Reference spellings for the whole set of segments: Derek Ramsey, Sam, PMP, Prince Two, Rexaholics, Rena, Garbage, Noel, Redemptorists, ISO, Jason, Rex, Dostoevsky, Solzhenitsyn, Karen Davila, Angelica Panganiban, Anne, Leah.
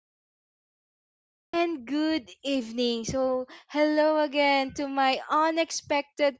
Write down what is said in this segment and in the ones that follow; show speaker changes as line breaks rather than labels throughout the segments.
good afternoon, and good evening. So, hello again to my unexpected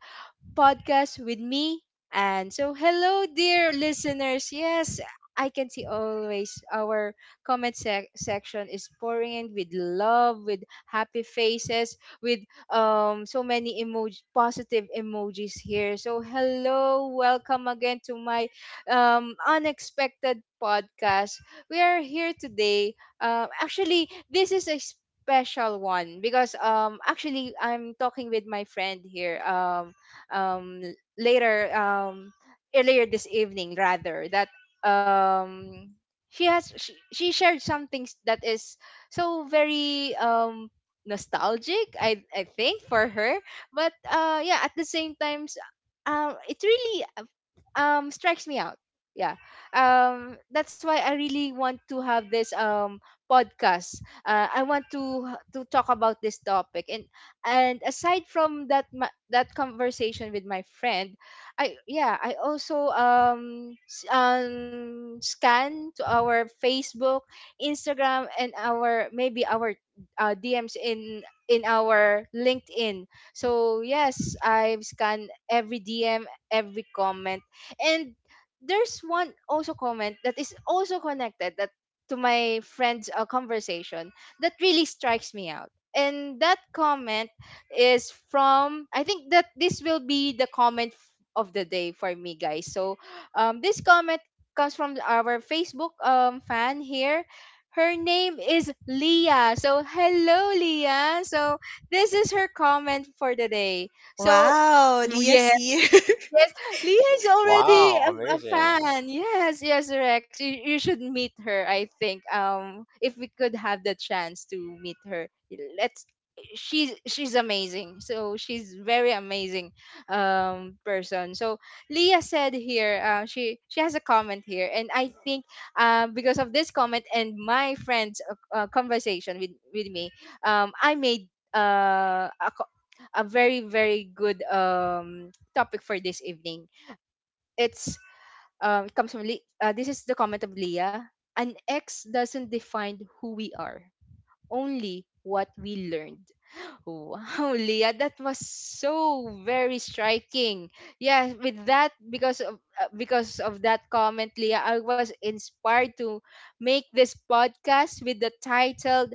podcast with me. And so, hello, dear listeners. Yes, I can see always our comment section is pouring in with love, with happy faces, with so many emoji, positive emojis here. So, hello, welcome again to my unexpected podcast. We are here today. Actually, this is a special one because actually I'm talking with my friend here, um later, earlier this evening, rather, that um she shared some things that is so very nostalgic, I think, for her. But yeah, at the same times, it really strikes me out. Yeah. That's why I really want to have this podcast. I want to talk about this topic. And aside from that that conversation with my friend, I also, scan to our Facebook, Instagram, and our, maybe our, DMs in our LinkedIn. So, yes, I've scanned every DM, every comment, and there's one also comment that is also connected, that to my friend's conversation, that really strikes me out. And that comment is from, I think that this will be the comment of the day for me, guys. So, this comment comes from our Facebook fan here. Her name is Leah. So, hello, Leah. So, this is her comment for the day. So,
Wow, Leah's here.
Yes, Leah is already
Wow,
a
amazing.
fan. Yes, yes, Rex. You should meet her, I think. If we could have the chance to meet her. Let's She's amazing. So, she's very amazing person. So, Leah said here, she has a comment here, and I think, because of this comment and my friend's conversation with me, I made uh a, co- a very, very good topic for this evening. It's it comes from Le- This is the comment of Leah. An ex doesn't define who we are, only what we learned. Wow, Leah, that was so very striking. Yeah, with that, because of that comment, Leah, I was inspired to make this podcast with the title,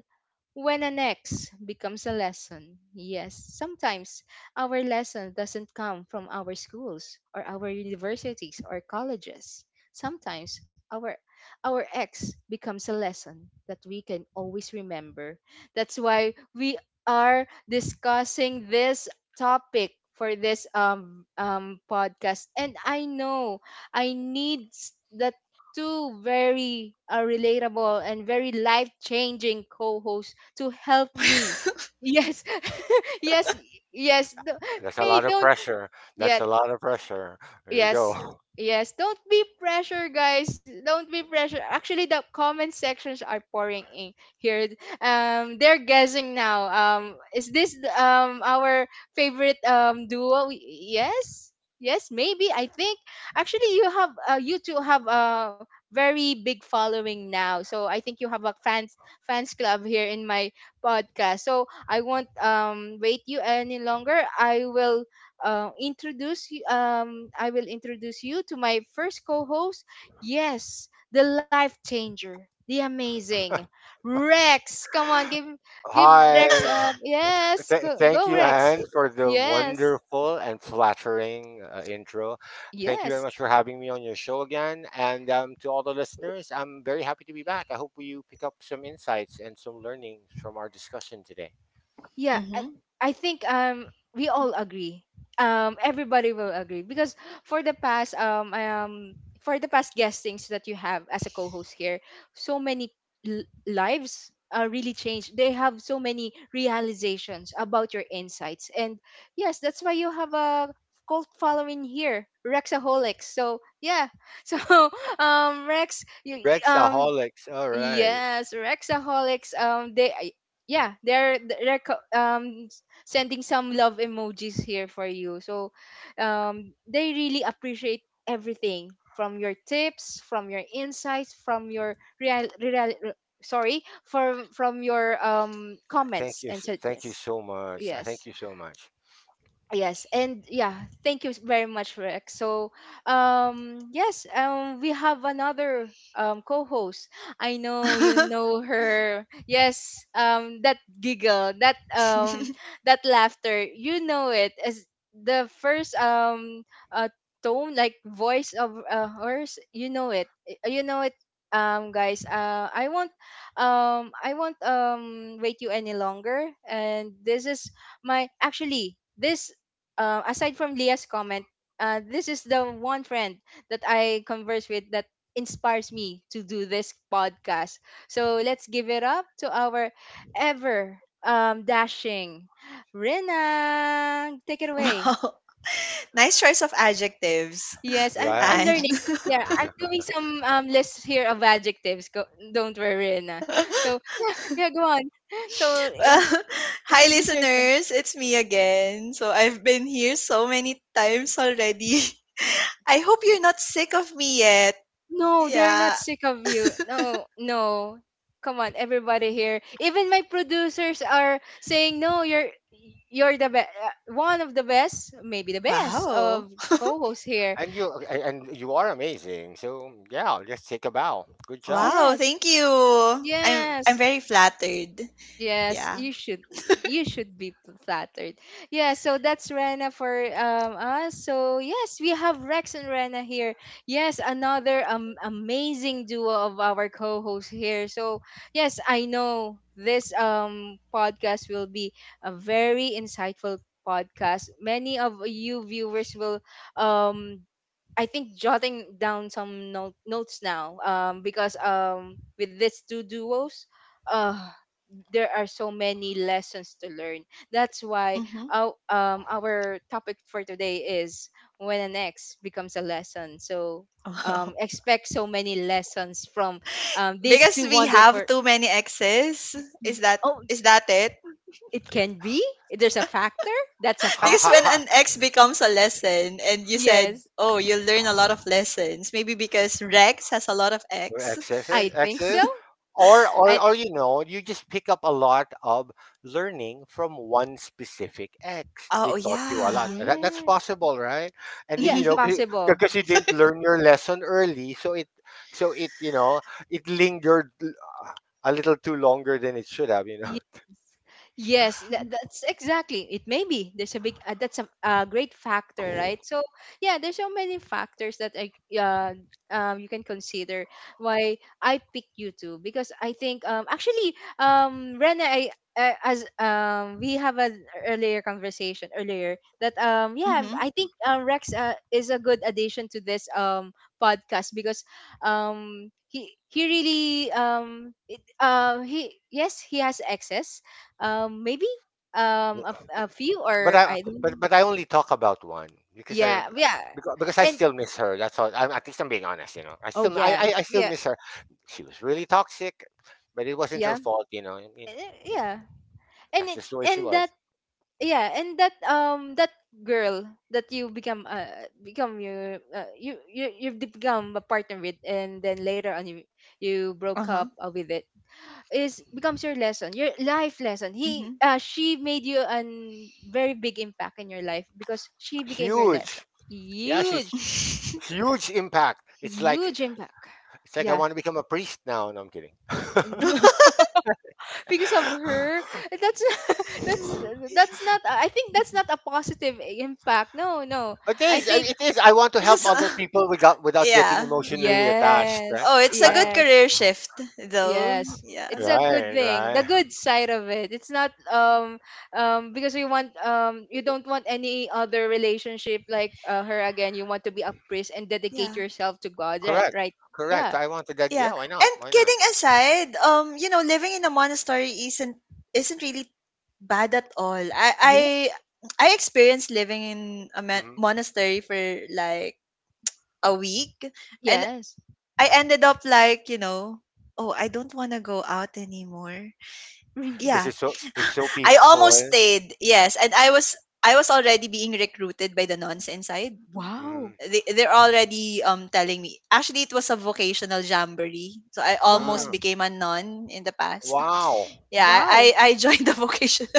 when an ex becomes a lesson. Yes, sometimes our lesson doesn't come from our schools or our universities or colleges. Sometimes, our ex becomes a lesson that we can always remember. That's why we are discussing this topic for this podcast. And I know I need the two very relatable and very life changing co-hosts to help
Oh.
me. Yes. Yes. Yes. No,
That's a
hey,
lot of
don't.
pressure. That's
Yeah.
a lot of pressure. There you
Yes,
go.
yes. Don't be pressure, guys. Don't be pressure. Actually, the comment sections are pouring in here. They're guessing now. Is this our favorite duo? Yes, yes. Maybe, I think, actually, you two have a very big following now. So, I think you have a fans club here in my podcast. So, I won't wait you any longer. I will introduce you to my first co-host. Yes, the life changer, the amazing Rex. Come on, give Rex
Hi.
up. Yes,
Th-
go,
thank
go,
you,
Rex.
Anne, for the
Yes.
wonderful and flattering intro. Thank you very
Yes.
much for having me on your show again. And to all the listeners, I'm very happy to be back. I hope you pick up some insights and some learnings from our discussion today.
Yeah, I,
Mhm.
I think we all agree. Everybody will agree, because for the past um um for the past guestings that you have as a co-host here, so many lives are really changed. They have so many realizations about your insights. And yes, that's why you have a cult following here, Rexaholics. So, yeah. So, Rex, you.
Rexaholics. All right.
Yes, Rexaholics. They, yeah, they're sending some love emojis here for you. So, they really appreciate everything, from your tips, from your insights, from your real, real, re- sorry, from your
Thank
comments
you.
and
Thank
suggest.
you so much.
Yes.
Thank you so much.
Yes, and yeah, thank you very much, Rex. So, yes, we have another co-host. I know you know her. Yes, that giggle, that that laughter, you know it as the first uh tone, like voice of hers. You know it. You know it. Guys, I won't wait you any longer. And this is my, actually this aside from Leah's comment, this is the one friend that I converse with, that inspires me to do this podcast. So, let's give it up to our ever dashing Rena. Take it away.
Wow. Nice choice of adjectives.
Yes, I'm
Right.
And
learning. Yeah, I'm doing some lists here of adjectives. Go, don't worry, Rena.
well,
So, yeah, yeah, go on. So in,
hi
introduce yourself.
listeners, it's me again. So I've been here so many times already. I hope you're not sick of me yet.
No, they're not
Yeah.
sick of you. No, no. Come on, everybody here. Even my producers are saying, "No, you're the best, one of the best, maybe the best
Wow.
of co-hosts here."
And you are amazing. So yeah, just take a bow. Good job.
Wow,
Yes.
thank you. I'm
Yes.
very flattered.
Yes,
Yeah.
you should be. You should be flattered. Yeah, so that's Rena for us. So, yes, we have Rex and Rena here. Yes, another amazing duo of our co-hosts here. So, yes, I know this podcast will be a very insightful podcast. Many of you viewers will, um I think, jotting down some notes now, because, with these two duos, uh there are so many lessons to learn. That's why
Mhm.
our topic for today is when an ex becomes a lesson. So,
Wow.
expect so many lessons from, these
Because
two
we
wonderful.
have too many exes. Is that
Oh,
is that it?
it can be. There's a factor. That's a
Ha
Because
ha
factor.
when
ha.
an ex becomes a lesson and you said,
Yes,
"Oh, you will learn a lot of lessons." Maybe because Rex has a lot of ex.
Excesses,
I think so.
excess, or
I
you know, you just pick up a lot of learning from one specific ex. They
Oh,
taught you a lot.
yeah.
That's
Yes,
possible, right? And then
yeah,
you know,
Mhm.
possible.
because you didn't learn your lesson early, so it you know it lingered a little too longer than it should have. You know.
Yes, that's exactly. It may be. There's a big, that's a great factor, right? So, yeah, there's so many factors that, uh, you can consider why I pick you two, because I think, actually, Rena, as, we have an earlier conversation earlier, that, yeah,
Mhm.
I think, Rex, is a good addition to this podcast, because, he really, he, yes, he has excess, maybe, a few,
But
or
I
I
but
don't.
but I only talk about one because I
Yeah, yeah.
because I
And
still miss her. That's all. I at least I'm being honest. You know, I
oh,
still I,
yeah,
I I still
yeah,
miss her. She was really toxic, but it wasn't her
yeah.
fault. You know, I mean,
Yeah. And
that's
it,
just the way she
and that.
was.
Yeah. And that, that girl that you become, become your, you've become a partner with, and then later on, you broke
Uh-huh.
up with. It is becomes your lesson, your life lesson. He
Mhm.
She made you an very big impact in your life, because she became your lesson.
Huge. Yeah,
Huge.
she's huge impact.
Huge impact.
It's like I
Yeah.
want to become a priest now. No, I'm kidding.
Because of her, that's, that's that's not, I think, that's not a positive impact. No, no.
It
I
is. I-
think,
It is. I want to help
Just
other people without getting
yeah.
emotionally attached. Right.
yes,
Oh, it's a
I,
good
yes,
career shift though.
yes,
Yeah.
it's a good thing, the
Right.
good side of it. It's not, because you want, you don't want any other relationship like, her again. You want to be a priest and dedicate
Yeah.
yourself to God. Right,
Correct.
right.
Correct.
Yeah,
I wanted that.
Yeah.
Yeah, why not?
And
Why not?
kidding aside, living in a monastery isn't really bad at all. I I
yeah.
I experienced living in a mon-
Hmm,
monastery for like a week, and
Yes.
I ended up like, oh, I don't want to go out anymore.
Really.
because
Yeah.
it's so
I
peaceful.
almost stayed. Yes, and I was already being recruited by the nuns inside.
Hmm.
Wow.
They're already telling me. Actually, it was a vocational jamboree, so I
Wow.
almost
Mm,
became a nun in the past.
wow.
Yeah,
Wow.
I joined the vocational.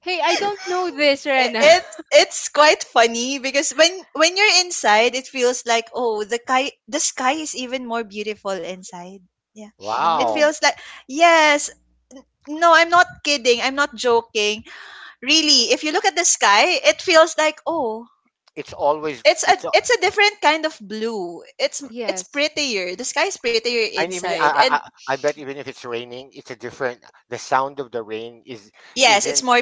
Hey, I don't know this,
I-
Rena.
it it's quite funny because when you're inside, it feels like, oh, the sky is even more beautiful inside. Yeah, it
Wow.
Wow.
feels like, yes. N- no, I'm not kidding, I'm not joking. Really, if you look at the sky, it feels like, oh.
It's always
It's a
it's a-
it's a different kind of blue. It's
Yes.
prettier. The sky is prettier
and Even I,
inside.
I
And
I I bet even if it's raining, it's a different. The sound of the rain is
yes,
isn't
it's more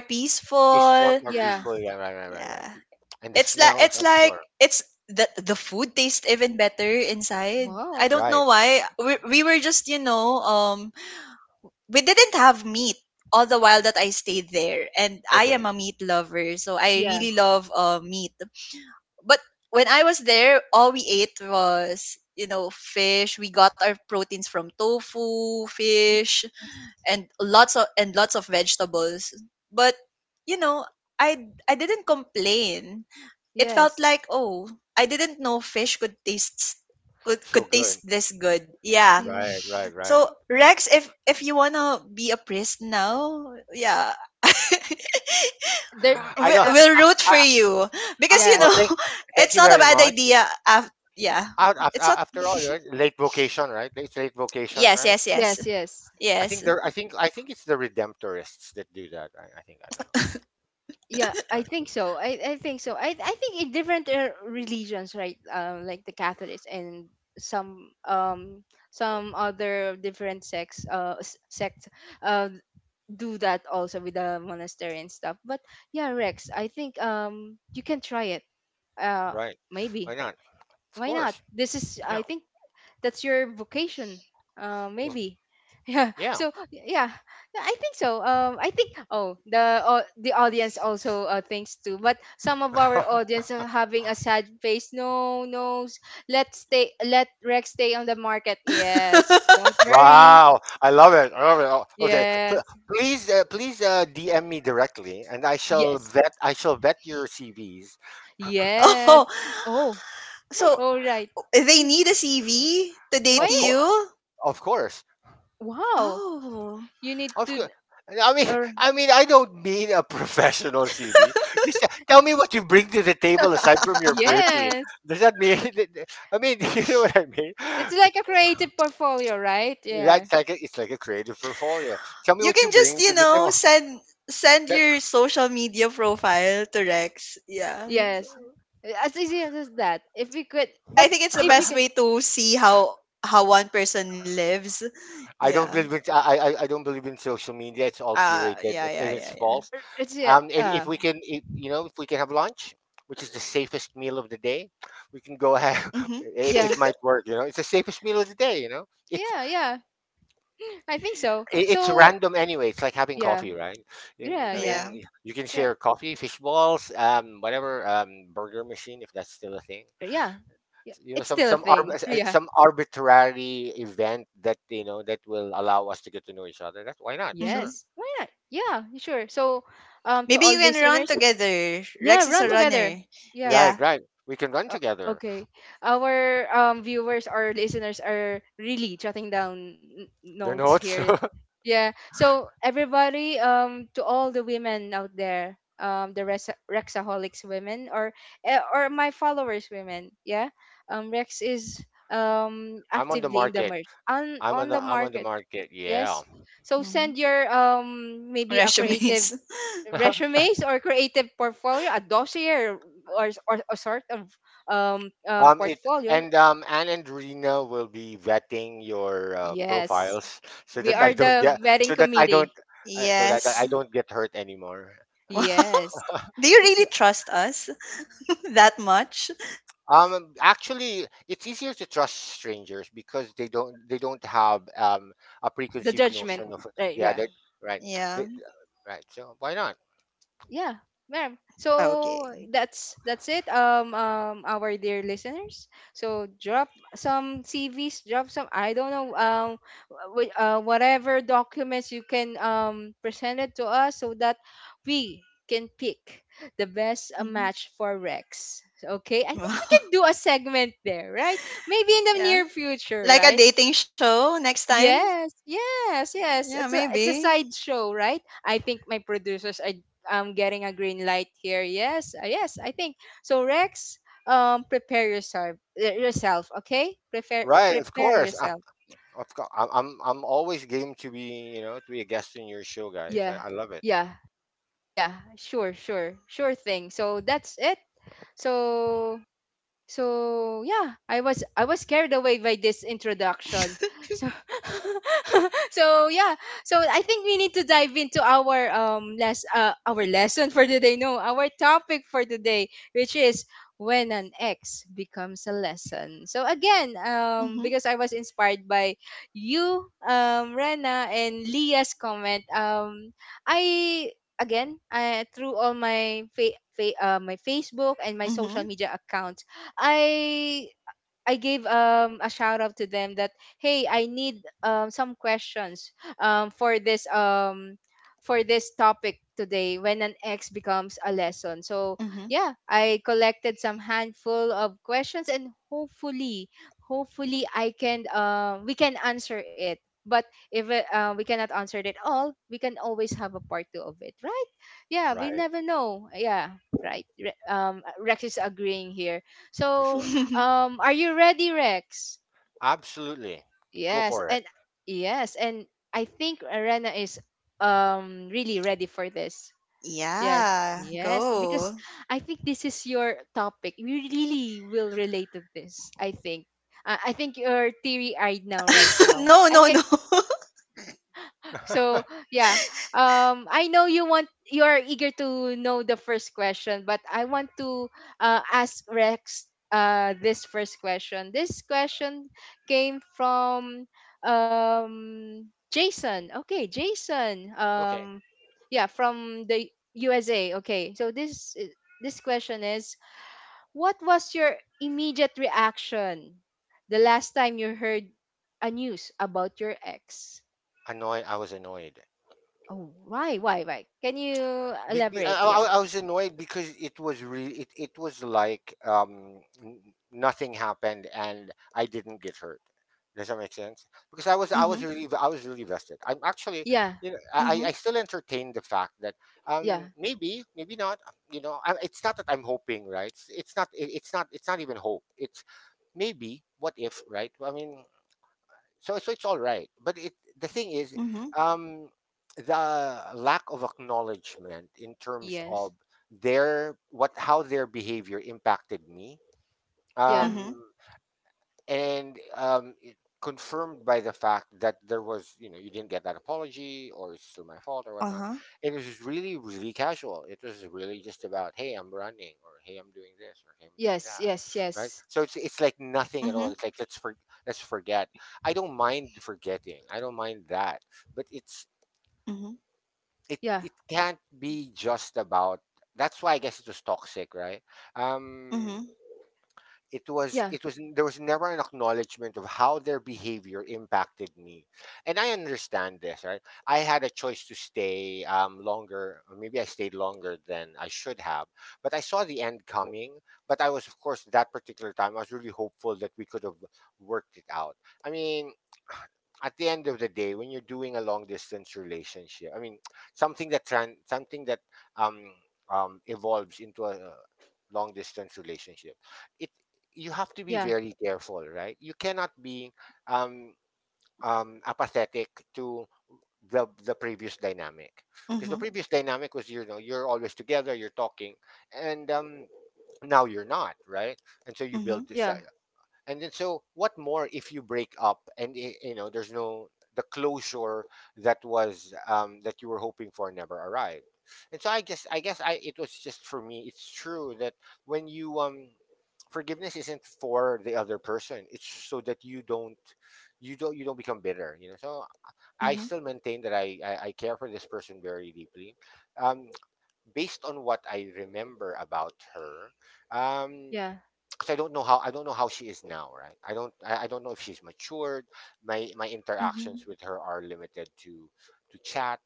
is far
peaceful.
more
Yeah.
peaceful. Yeah, right, right, right, right.
Yeah.
And the
It's like
smells,
it's
I'm
like
sure.
it's the food tastes even better inside. I
Wow.
don't know
Right.
why. We were just, we didn't have meat all the while that I stayed there, and I am
Okay.
a meat lover. So I
Yeah.
really love meat. But when I was there, all we ate was fish. We got our proteins from tofu, fish,
Yes.
and lots of vegetables. But you know, I didn't complain. It felt
Yes.
like, oh, I didn't know fish could taste could,
So
could
good.
taste this good. Yeah.
Yeah.
Right, right, right.
So Rex, if you wanna be a priest now, yeah,
There.
I
we
don't.
Uh,
will root for you
I,
because
yeah.
well, thank, Thank
it's
you
not a
very
bad
much.
idea. Af Yeah, it's not.
After all, right? Late vocation, right? It's late vocation,
Yes,
right?
yes, yes,
Yes. Yes.
I
yes.
think there. I think. I think it's the Redemptorists that do that. Right? I think. I don't know.
Yeah. I
Right.
think so. I think so. I think in different religions, right? Like the Catholics and some, some other different sects uh do that also, with the monastery and stuff. But yeah, Rex, I think you can try it. Uh
Right. Why
Maybe.
not? Of
Why not?
course.
This is,
Yeah.
I think, that's your vocation.
Of-
Maybe. Yeah.
Yeah.
So, yeah. Yeah, I think so. I think, oh, the, the audience also, thinks too. But some of our audience are having a sad face. No, no. Let Rex stay on the market. Yes. Don't worry.
Wow. I love it. I love it. Oh, okay.
Yes.
Please DM me directly, and I shall
Yes.
vet. I shall vet your CVs.
Yes.
Oh,
Oh,
so
all right.
they
Yeah.
need a CV to date
Of
Why?
course.
you.
Of course.
Wow.
Oh,
You need
Of
to.
course. I mean,
Or,
I mean, I don't mean a professional CV. Just tell me what you bring to the table aside from your pretty.
yes,
Does that mean? I mean, you know what I mean.
it's like a creative portfolio, right?
Right?
Yeah.
It's like it's like a creative portfolio. Tell me
you
what you
can just
bring to the table.
send
That-
your social media profile to Rex. Yeah, so
Yes. As easy as that. If we could,
I
but
think it's the
if we
best
can,
way to see how one person lives.
I don't
Yeah.
believe in, I don't believe in social media. It's all curated
Yeah. Yeah.
and it's
Yeah. Yeah.
false.
it's, yeah.
If we can, if, you know, if we can have lunch, which is the safest meal of the day, we can go ahead.
Mhm.
It
Yeah.
might work. You know, it's the safest meal of the day. You know, it
Yeah. Yeah. I think so.
it's
So,
random anyway. It's like having
yeah.
coffee, right?
Yeah.
I
Yeah.
Yeah.
mean, you can
Yeah.
share coffee, fish balls, whatever, burger machine if that's still a thing.
Yeah. Yeah.
You know,
It's still a thing. Yeah.
some arbitrary event that you know that will allow us to get to know each other. That's why not? Sure.
Mhm.
Yes. Why not? Yeah. Sure. So, to
Maybe
all
you can run
listeners,
together.
yeah,
Rex is
run
a
R-
together.
runner.
Yeah.
right,
Yeah.
right. We can run
Uh,
together.
okay. Our viewers or listeners are really jotting down
The
notes
notes.
here. Yeah. So, everybody, to all the women out there, the Rexaholics women, or, or my followers women, yeah. Rex is
I'm on the
actively in the
market.
merch on on the
I'm on the
market.
market. Yeah.
Yes. So,
hmm
send your maybe a
Resumes.
creative resumes or creative portfolio, a dossier, or a sort of
It
portfolio.
and Anne and Rena will be vetting your
Yes,
profiles so
we
that
Yeah.
are the vetting
I don't
committee.
so that
Yes.
I don't get hurt anymore.
Wow.
Yes,
Do you really
yeah,
trust us that much?
Actually, it's easier to trust strangers because they don't have a
the
preconceived
judgment.
notion of
Right,
yeah,
yeah,
that right, they,
Yeah.
right, so why not,
yeah, ma'am,
Oh,
so
okay.
that's it. Our dear listeners, so drop some cvs, drop some, I don't know, whatever documents you can present it to us so that we can pick the best
hmm
match for Rex. So, okay, I think we
Wow.
can do a segment there, right? Maybe in the
Yeah.
near future,
Like a
right?
dating show next time?
Yes, yes, yes.
Yeah,
It's a
maybe.
it's a side show, right? I think my producers are getting a green light here. Yes, yes, I think so. Rex, prepare yourself, okay? Prepare,
right, of
prepare
course
yourself.
I'm always game to be you know to be a guest in your show, guys.
Yeah,
I love it,
yeah, yeah. Sure, sure, sure thing. So that's it. So yeah, I was carried away by this introduction. So so yeah, so I think we need to dive into our less our lesson for today, no, our topic for today, which is when an ex becomes a lesson. So again,
Mm-hmm.
because I was inspired by you, Rena and Leah's comment. I, again, through all my my Facebook and my social
Mm-hmm.
media account, I I gave a shout out to them that hey, I need some questions um for this um for this topic today when an X becomes a lesson. So
Mm-hmm.
yeah, I collected some handful of questions, and hopefully I can, we can answer it. But if it, we cannot answer it all, we can always have a part two of it, right? Yeah, we
right,
never know. Yeah, right. Rex is agreeing here.
for
So
sure,
are you ready, Rex?
absolutely, go
Yes,
for it.
and yes, and I think Arena is really ready for this. Yes,
Yeah.
yes, because
Go.
I think this is your topic. You really will relate to this, I think. I think you're teary-eyed now, right now,
No,
I
no,
can.
no.
So yeah, I know you want, you are eager to know the first question, but I want to, ask Rex this first question. This question came from Jason. Okay, Jason.
Okay.
Yeah, from the USA. Okay, so this question is: what was your immediate reaction the last time you heard a news about your ex?
Annoyed. I was annoyed.
Oh, why? Why? Why? Can you elaborate? Yeah.
I was annoyed because it was really it was like nothing happened and I didn't get hurt. Does that make sense? Because
Mm-hmm.
I was really vested. I'm actually,
Yeah.
you know, I
Mm-hmm.
still entertain the fact that
Yeah.
maybe maybe not, you know. It's not that I'm hoping, right. It's not, it's not even hope. It's maybe what if, right? I mean, so it's all right, but it the thing is
Mm-hmm.
um the lack of acknowledgement in terms of
Yes.
their what how their behavior impacted me
Yeah.
um
Mm-hmm.
and it confirmed by the fact that there was you know you didn't get that apology or it's still my fault or whatnot.
Uh-huh.
And it was really really casual. It was really just about, hey, I'm running, or hey, I'm doing this, or hey, I'm doing
Yes. Yes.
that, right?
Yes.
So it's like nothing at all.
Mm-hmm.
It's like let's forget. I don't mind forgetting, I don't mind that, but
Mm-hmm.
it
Yeah.
it can't be just about. That's why I guess it was toxic, right? Um,
Mm-hmm.
Yeah.
it was, there was never an acknowledgement of how their behavior impacted me. And I understand this, right? I had a choice to stay longer, or maybe I stayed longer than I should have. But I saw the end coming. But I was, of course, that particular time I was really hopeful that we could have worked it out. I mean, at the end of the day, when you're doing a long distance relationship, I mean, something that something that um, evolves into a long distance relationship, it you have to be
Yeah.
very careful, right? You cannot be um, apathetic to the previous dynamic, because the
Mm-hmm.
previous dynamic was, you know, you're always together, you're talking, and now you're not, right? And so you build
Mm-hmm.
this. Uh,
Yeah.
and then so what more if you break up, and you know there's no the closure that was that you were hoping for never arrived. And so I just, I guess, I it was just for me it's true that when you um, forgiveness isn't for the other person, it's so that you don't become bitter, you know. So I
Mm-hmm.
still maintain that I care for this person very deeply um based on what I remember about her um,
Yeah.
because I don't know how she is now, right? I don't know if she's matured. My
Mhm,
interactions with her are limited to chat.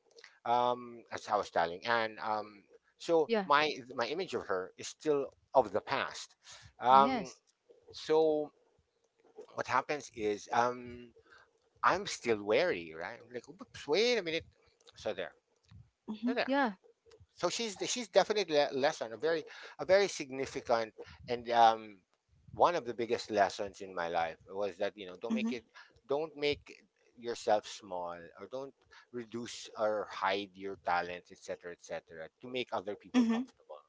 As I was telling, and so
Yeah.
my image of her is still of the past. Um,
Yes.
so what happens is I'm still wary, right? I'm like, "Oops, wait a minute." So there, so
mhm,
there
Yeah.
so she's definitely a lesson, a very significant and one of the biggest lessons in my life was that, you know,
mhm,
don't make yourself small, or don't reduce or hide your talents, etc., etc., to make other people
mhm,
comfortable.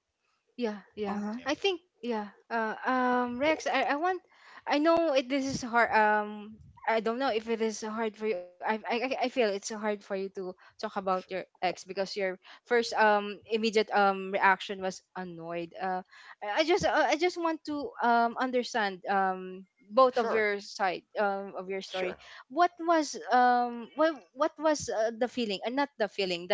Yeah, yeah,
uh-huh,
Yeah.
I think yeah. Rex, I want. I know it, this is hard. I don't know if it is hard for you. I feel it's hard for you to talk about your
Sure,
ex because your first immediate reaction was annoyed. I just, I just want to understand both of
sure,
your side of your
sure.
story. What was what was, the feeling? Not the feeling,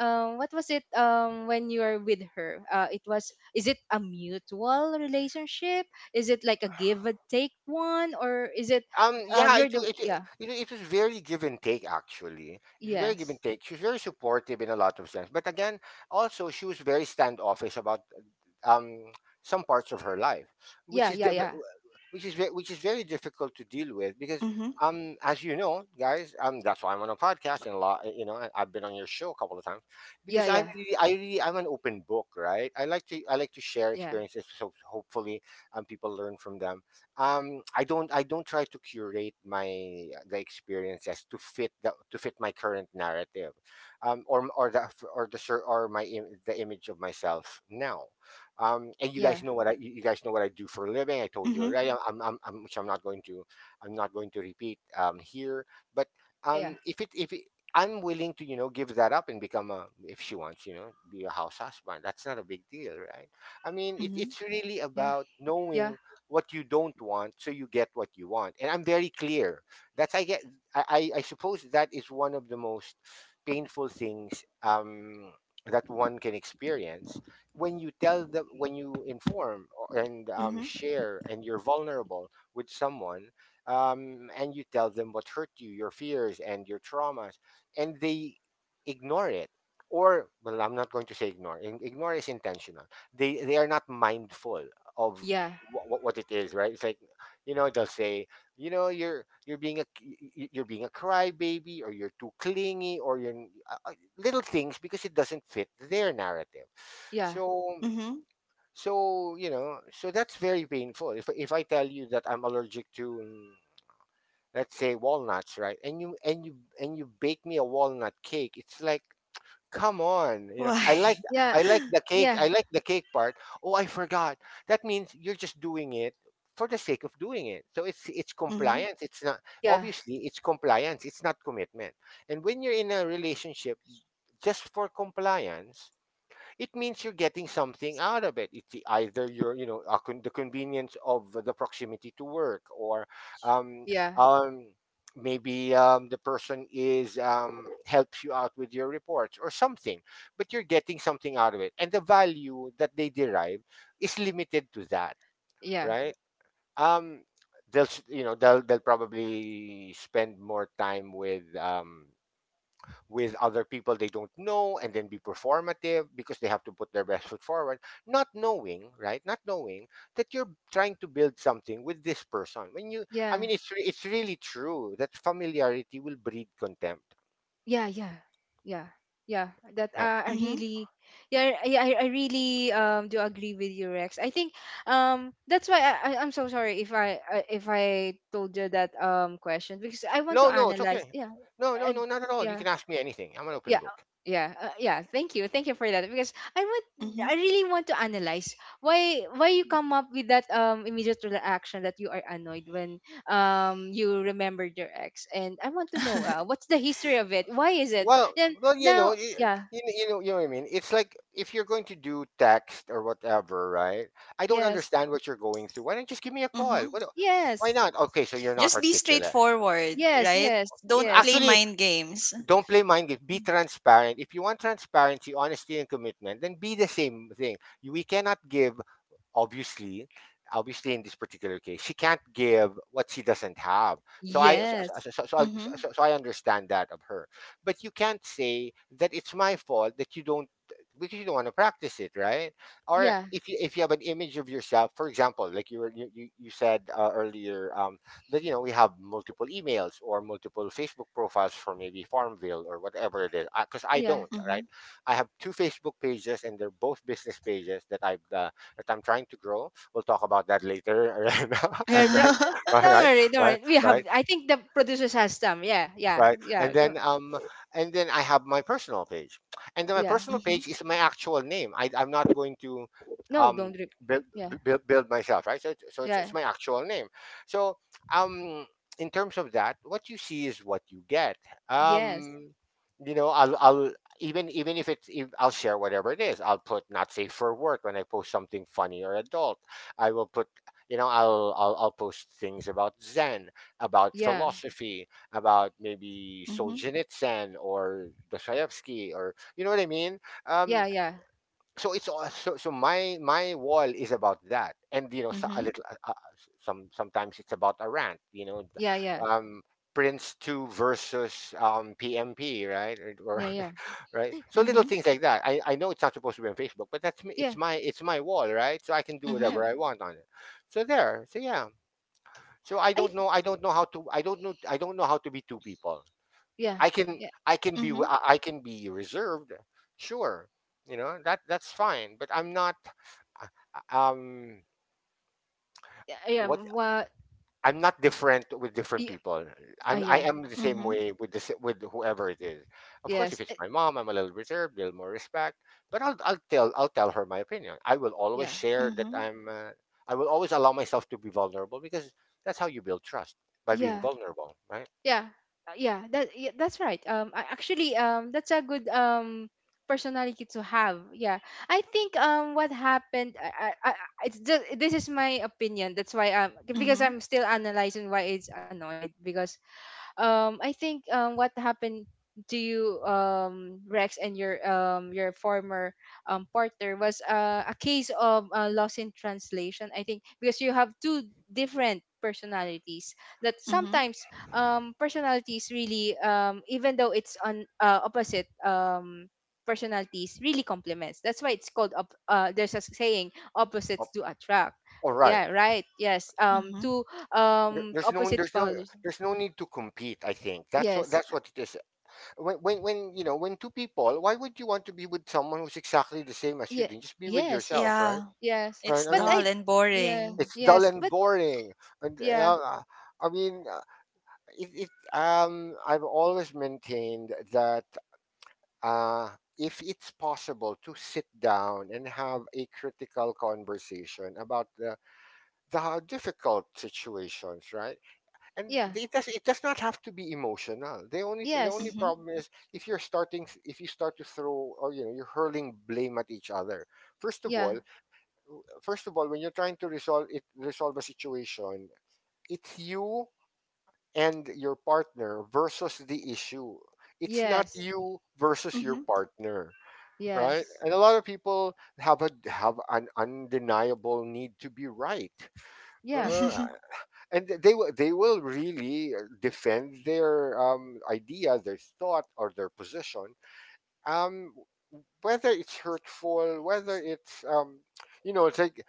what was it when you are with her? It was, is it a mutual relationship? Is it like a give and take one, or is it you're the,
it it
yeah?
it was very give and take, actually. It was very give
Yes.
and take. She was very supportive in a lot of sense, but again, also she was very standoffish about um, some parts of her life, which
Yeah.
is
Yeah.
the,
Yeah.
which is which is very difficult to deal with, because
mhm,
um, as you know, guys, um, that's why I'm on a podcast, and a lot, you know, I've been on your show a couple of times,
Yeah.
because
Yeah.
I really, I'm an open book, right? I like to share experiences, so hopefully um, people learn from them. Um, I don't try to curate my the experiences to fit the to fit my current narrative, um, or the the image of myself now. Um, and you
Yeah.
guys know what I you guys know what I do for a living. I told you
mhm,
already. I'm — which I'm not going to, I'm not going to repeat here. But
Yeah. Yeah.
if it, I'm willing to, you know, give that up and become a, if she wants, you know, be a house husband. That's not a big deal, right? I mean, it,
mhm,
it's really about
Yeah.
knowing what you don't want so you get what you want. And I'm very clear. That's I get. I suppose that is one of the most painful things that one can experience when you tell the when you inform and
mhm,
share and you're vulnerable with someone, and you tell them what hurt you, your fears and your traumas, and they ignore it. Or, well, I'm not going to say ignore. Ignore is intentional. They are not mindful of
Yeah.
what it is, right? It's like, you know, they'll say, you know, you're being a you're being a crybaby, or you're too clingy, or you're uh, uh, little things, because it doesn't fit their narrative.
Yeah.
so
mhm.
so you know, so that's very painful. If I tell you that I'm allergic to, let's say, walnuts, right, and you bake me a walnut cake, it's like, come on, you know, I
Why?
like,
Yeah.
I like the cake,
Yeah.
I like the cake part. Oh, I forgot. That means you're just doing it for the sake of doing it. So it's
Mhm,
compliance, it's not,
Yeah.
obviously, it's compliance, it's not commitment. And when you're in a relationship just for compliance, it means you're getting something out of it. It's either your, you know, the convenience of the proximity to work, or um,
Yeah. Yeah. Yeah.
um, maybe, the person is, helps you out with your reports or something. But you're getting something out of it, and the value that they derive is limited to that,
Yeah.
right? Um, they'll, you know, they'll probably spend more time with, with other people they don't know, and then be performative because they have to put their best foot forward, not knowing, right, not knowing that you're trying to build something with this person. When you, I
Yeah.
mean, it's it's really true that familiarity will breed contempt.
Yeah. Yeah. Yeah. yeah that,
Yeah.
I
mhm,
really, yeah. I really do agree with you, Rex, I think that's why, I I'm so sorry if I if I told you that question because I want
No,
to
no, it's
analyze,
okay.
yeah.
No, no,
And
no, not at all. You
yeah,
can ask me anything, I'm an open
yeah. uh,
book.
Yeah, yeah. Thank you for that. Because I want,
mhm,
I really want to analyze why you come up with that immediate reaction, that you are annoyed when you remembered your ex. And I want to know, what's the history of it? Why is it?
Well,
Then
well, you know,
now,
you,
yeah,
you, you know what I mean. It's like, if you're going to do text or whatever, right? I don't
yes,
understand what you're going through. Why don't you just give me a call?
mhm.
What, why
yes,
not? Okay, so you're not
Just be
articulate.
straightforward,
yes,
right?
yes,
Don't
yes,
play
Actually,
mind games.
don't play mind games. Be transparent. If you want transparency, honesty, and commitment, then be the same thing. You- we cannot give, obviously, obviously in this particular case she can't give what she doesn't have. So I so,
yes,
so, so, so, I-
Mhm,
so, so I understand that of her. But you can't say that it's my fault that you don't, because you don't want to practice it, right? Or
yeah,
if you, if you have an image of yourself, for example, like you were, you said earlier, that, you know, we have multiple emails or multiple Facebook profiles for maybe Farmville or whatever it is. Because I, 'cause I
yeah.
don't, right?
mhm.
I have two Facebook pages, and they're both business pages that I've that I'm trying to grow. We'll talk about that later.
Yeah,
And then, right,
don't
right,
worry, don't
right,
worry. We
right,
have. I think the producers has some. Yeah, yeah,
right? And
yeah. Go.
then, and then I have my personal page, and then my
Yeah.
personal
Mhm,
page is my actual name. I, I'm not going to,
No,
um
don't.
build,
Yeah.
build myself, right? So
Yeah.
it's my actual name. So, um in terms of that, what you see is what you get.
Yes.
Um, you know, I'll, even, even if it's if, I'll share whatever it is. I'll put "not safe for work" when I post something funny or adult. I will put, you know, I'll post things about Zen, about
Yeah.
philosophy, about maybe
mhm,
Solzhenitsyn or Dostoevsky, or you know what I mean.
Yeah.
Um,
Yeah.
so it's all, so my, my wall is about that. And you know, so, a
mhm,
little sometimes it's about a rant. You know,
Yeah. Yeah.
um, Prince Two versus, PMP, right? Or-
Yeah. Yeah.
right? So little
mhm,
things like that. I know it's not supposed to be on Facebook, but that's me. It's
Yeah.
my, it's my wall, right? So I can do
mhm,
Yeah.
whatever I want on it. So there. So yeah. So I
I.
don't know. I don't know how to. I don't know. I don't know how to be two people.
Yeah.
I can,
Yeah.
I
mhm,
can be
mhm,
I can be reserved, sure. You know, that, that's fine. But I'm not, uh, uh, Um,
Yeah. Yeah.
what
What?
I'm not different with different
Yeah.
people. I'm, I
Yeah.
am the same
mhm,
way with this, with whoever it is. Of course, if
Yes.
it's my mom, I'm a little reserved, a little more respect. But I'll tell her my opinion. I will always
Yeah.
share that
mhm,
I'm, I will always allow myself to be vulnerable, because that's how you build trust, by being
Yeah.
vulnerable, right?
Yeah. Yeah. That. Yeah, that's right. Actually. That's a good. Personality to have. Yeah. I think. What happened? I, it's just, this is my opinion. That's why. Because I'm still analyzing why it's annoyed. Because I think what happened to you, Rex, and your former partner, was a case of, loss in translation, I think, because you have two different personalities that
mhm,
sometimes, personalities really, even though it's on, opposite, personalities really complements, that's why it's called up, there's a saying opposites do attract,
All right.
yeah, right, yes,
mhm.
two
There's no,
opposite powers.
there's no need to compete. I think that's what,
Yes.
that's what it is. When you know, when two people, why would you want to be with someone who's exactly the same as you?
yeah
Then just be with
yes
yourself, right?
Yeah,
yes,
it's
Right. I
but
dull
mean,
I
and
yeah,
boring.
it's dull
yes
and
but,
boring. And
yeah,
I mean, it, it, I've always maintained that, uh if it's possible to sit down and have a critical conversation about the difficult situations, right? And
yeah,
it does, it does not have to be emotional. The only
yes,
Mhm,
problem is if you're starting, if you start to throw, or you know, you're hurling blame at each other. First of
yeah,
all, first of all, when you're trying to resolve a situation, it's you and your partner versus the issue. It's not
yes,
you versus your
mhm,
partner, right?
yes,
And a lot of people have a, have an undeniable need to be right.
yeah,
uh, and they will, they will really defend their, idea, their thought, or their position, um, whether it's hurtful, whether it's, you know, it's like,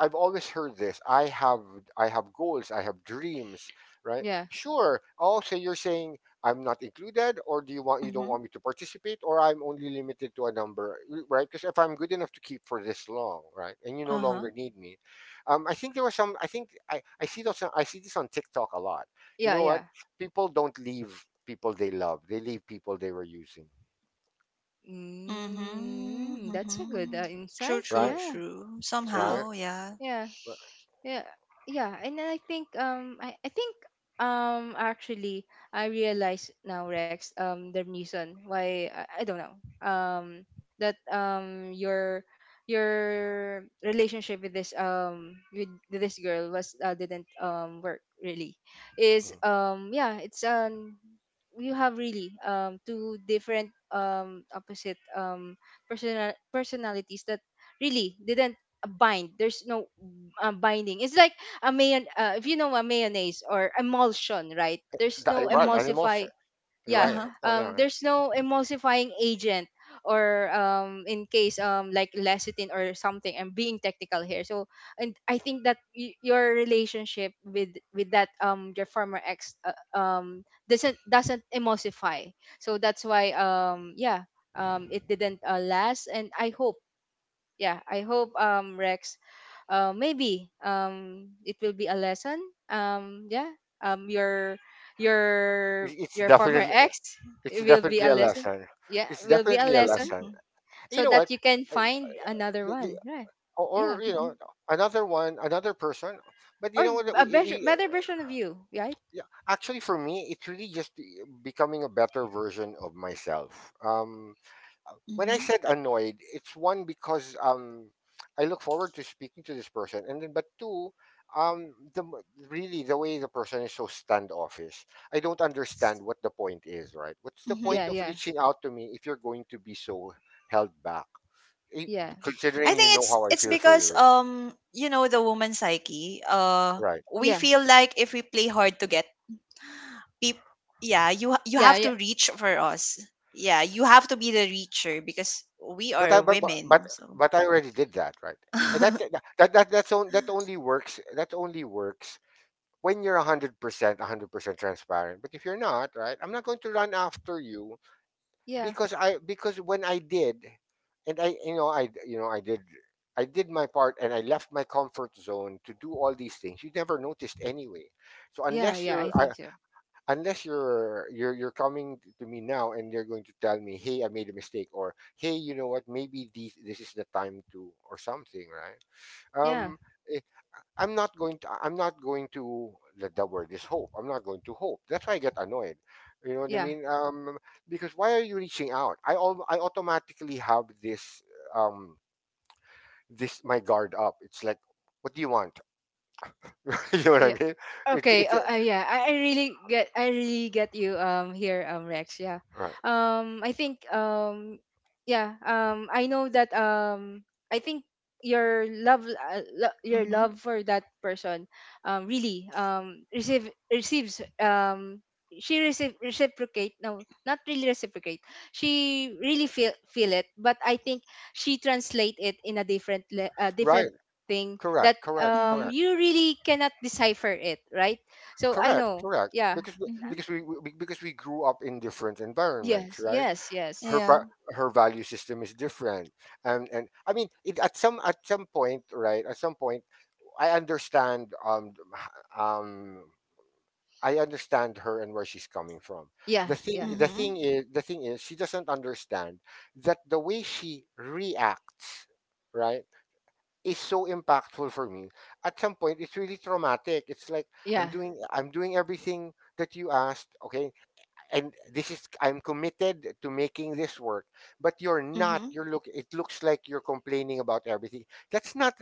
I've always heard this. I have, I have goals, I have dreams, right?
yeah,
Sure. Oh, so you're saying I'm not included, or do you want, you don't
mhm,
want me to participate, or I'm only limited to a number, right? Because if I'm good enough to keep for this long, right, and you no
uh-huh.
longer need me, I think there was some. I think I see those. I see this on TikTok a lot. You
yeah,
know what?
yeah,
People don't leave people they love. They leave people they were using.
Mhm,
mm, that's a good
mhm. True,
insight,
true,
Right.
yeah,
true.
true,
Right.
Somehow, yeah.
yeah.
Right.
Yeah, yeah, and then I think, I think actually I realize now, Rex, the reason why I don't know um that, your relationship with this, with this girl, was, didn't work really, is,
Mhm.
yeah, it's, you have really, two different, opposite, personalities that really didn't a bind. There's no, binding. It's like a mayon. If you know, a mayonnaise or emulsion, right? There's no
Right. An,
Mhm.
emulsify. Yeah.
right.
Uh-huh.
Oh, yeah. Right.
There's no emulsifying agent, or in case, like lecithin or something. I'm being technical here. So, and I think that your relationship with that, your former ex, doesn't emulsify. So that's why, yeah, it didn't, last. And I hope, yeah, I hope, Rex, maybe, it will be a lesson. Yeah, um your
It- it's
your former
definitely.
ex,
It's
it will be
definitely
a
a
lesson,
lesson.
yeah,
It's
will be a
definitely a
lesson,
lesson.
Mhm.
You
so
know
that
what?
you can
I-,
find another
the- the-
one. Yeah.
Or
Yeah.
or, you
Mhm.
know, another one, another person. But you
Or
know what?
a better better version of you, right?
Yeah, actually, for me, it's really just becoming a better version of myself. When I
Mhm.
said annoyed, it's, one, because I look forward to speaking to this person, and then, but two, um the m- really the way the person is so standoffish. I don't
Yes,
understand what the point is. Right? What's the
Mhm.
yeah,
point of
yeah,
reaching out to me if you're going to be so held back? Eh,
yeah,
I
considering, you
think
know,
it's
how I
it's
feel for
because
you,
the woman psyche.
right?
We
yeah,
feel like if we play hard to get, people, yeah, you ha- you
yeah,
have
yeah,
to reach for us. Yeah, you have to be the reacher because we
But I,
are women. So
but I already did that, right? And that's on, that only works. That only works when you're 100% transparent. But if you're not, right, I'm not going to run after you.
yeah,
Because I, because when I did, and I, you know, I, you know, I did, I did my part, and I left my comfort zone to do all these things, you never noticed anyway. So
yeah,
unless
yeah, I
you're
think so,
unless you're you're coming to me now and you're going to tell me, hey, I made a mistake, or hey, you know what, maybe these, this is the time to, or something, right?
yeah,
um I'm not going to, the word is hope. I'm not going to hope. That's why I get annoyed. You know what I
yeah.
mean? Because why are you reaching out? I, all I, automatically have this, um this, my guard up. It's like, what do you want? You know what I mean? It's
Okay.
it's
Yeah. I really get, I really get you. Here. Rex. Yeah.
right.
I think. Yeah. I know that. I think your love. Your
mhm.
love for that person. Really. Receives. She receive reciprocate. No, not really reciprocate. She really feel it, but I think she translate it in a
Right.
different thing that,
Correct. Correct.
Mhm.
Correct.
you really cannot decipher it, right? So I
Correct.
know,
Correct.
yeah,
Because we-,
Mhm.
because we grew up in different
yes,
environments, right?
yes, yes,
Her
Yeah.
pri- Her value system is different. And I mean it, at some, at some point, right? At some point I understand, um I understand her and where she's coming from.
yeah, yeah,
Mhm.
The thing is, she doesn't understand that the way she reacts, right, is so impactful for me. At some point it's really traumatic. It's like,
yeah,
I'm doing everything that you asked. Okay, and this is I'm committed to making this work, but you're not,
Mhm.
you're look it looks like you're complaining about everything. that's not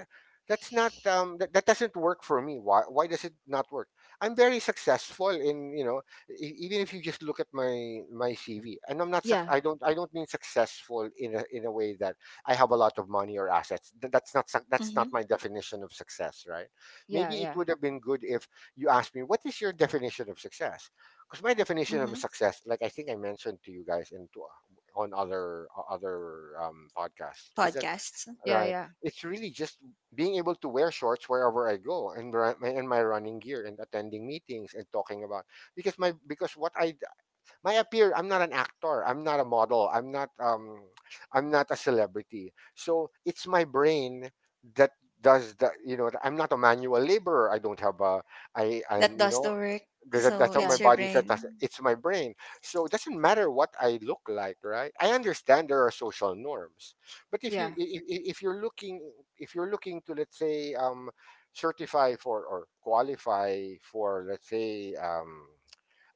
that's not that doesn't work for me. Why does it not work? I'm very successful in, you know, even if you just look at my CV. And I'm not
yeah,
I don't mean successful in in a way that I have a lot of money or assets. That's not that's not
Mhm.
my definition of success, right?
yeah,
Maybe it
yeah,
would have been good if you asked me, what is your definition of success? Because my definition of
Mhm.
success, like I think I mentioned to you guys and to on other other podcasts, is that,
Podcasts.
right?
yeah,
It's really just being able to wear shorts wherever I go, and and my running gear, and attending meetings and talking about, because my, because what I, my appear I'm not an actor, I'm not a model, I'm not I'm not a celebrity. So it's my brain that does that. You know, I'm not a manual laborer, I don't have a, I I'm
That
you
does
know,
the work.
there's that's
So
what my
yeah,
it's your
body said.
brain.
It's my brain. So it doesn't matter what I look like, right? I understand there are social norms. But if you,
yeah,
if you're looking, if you're looking to, let's say, certify for or qualify for, let's say,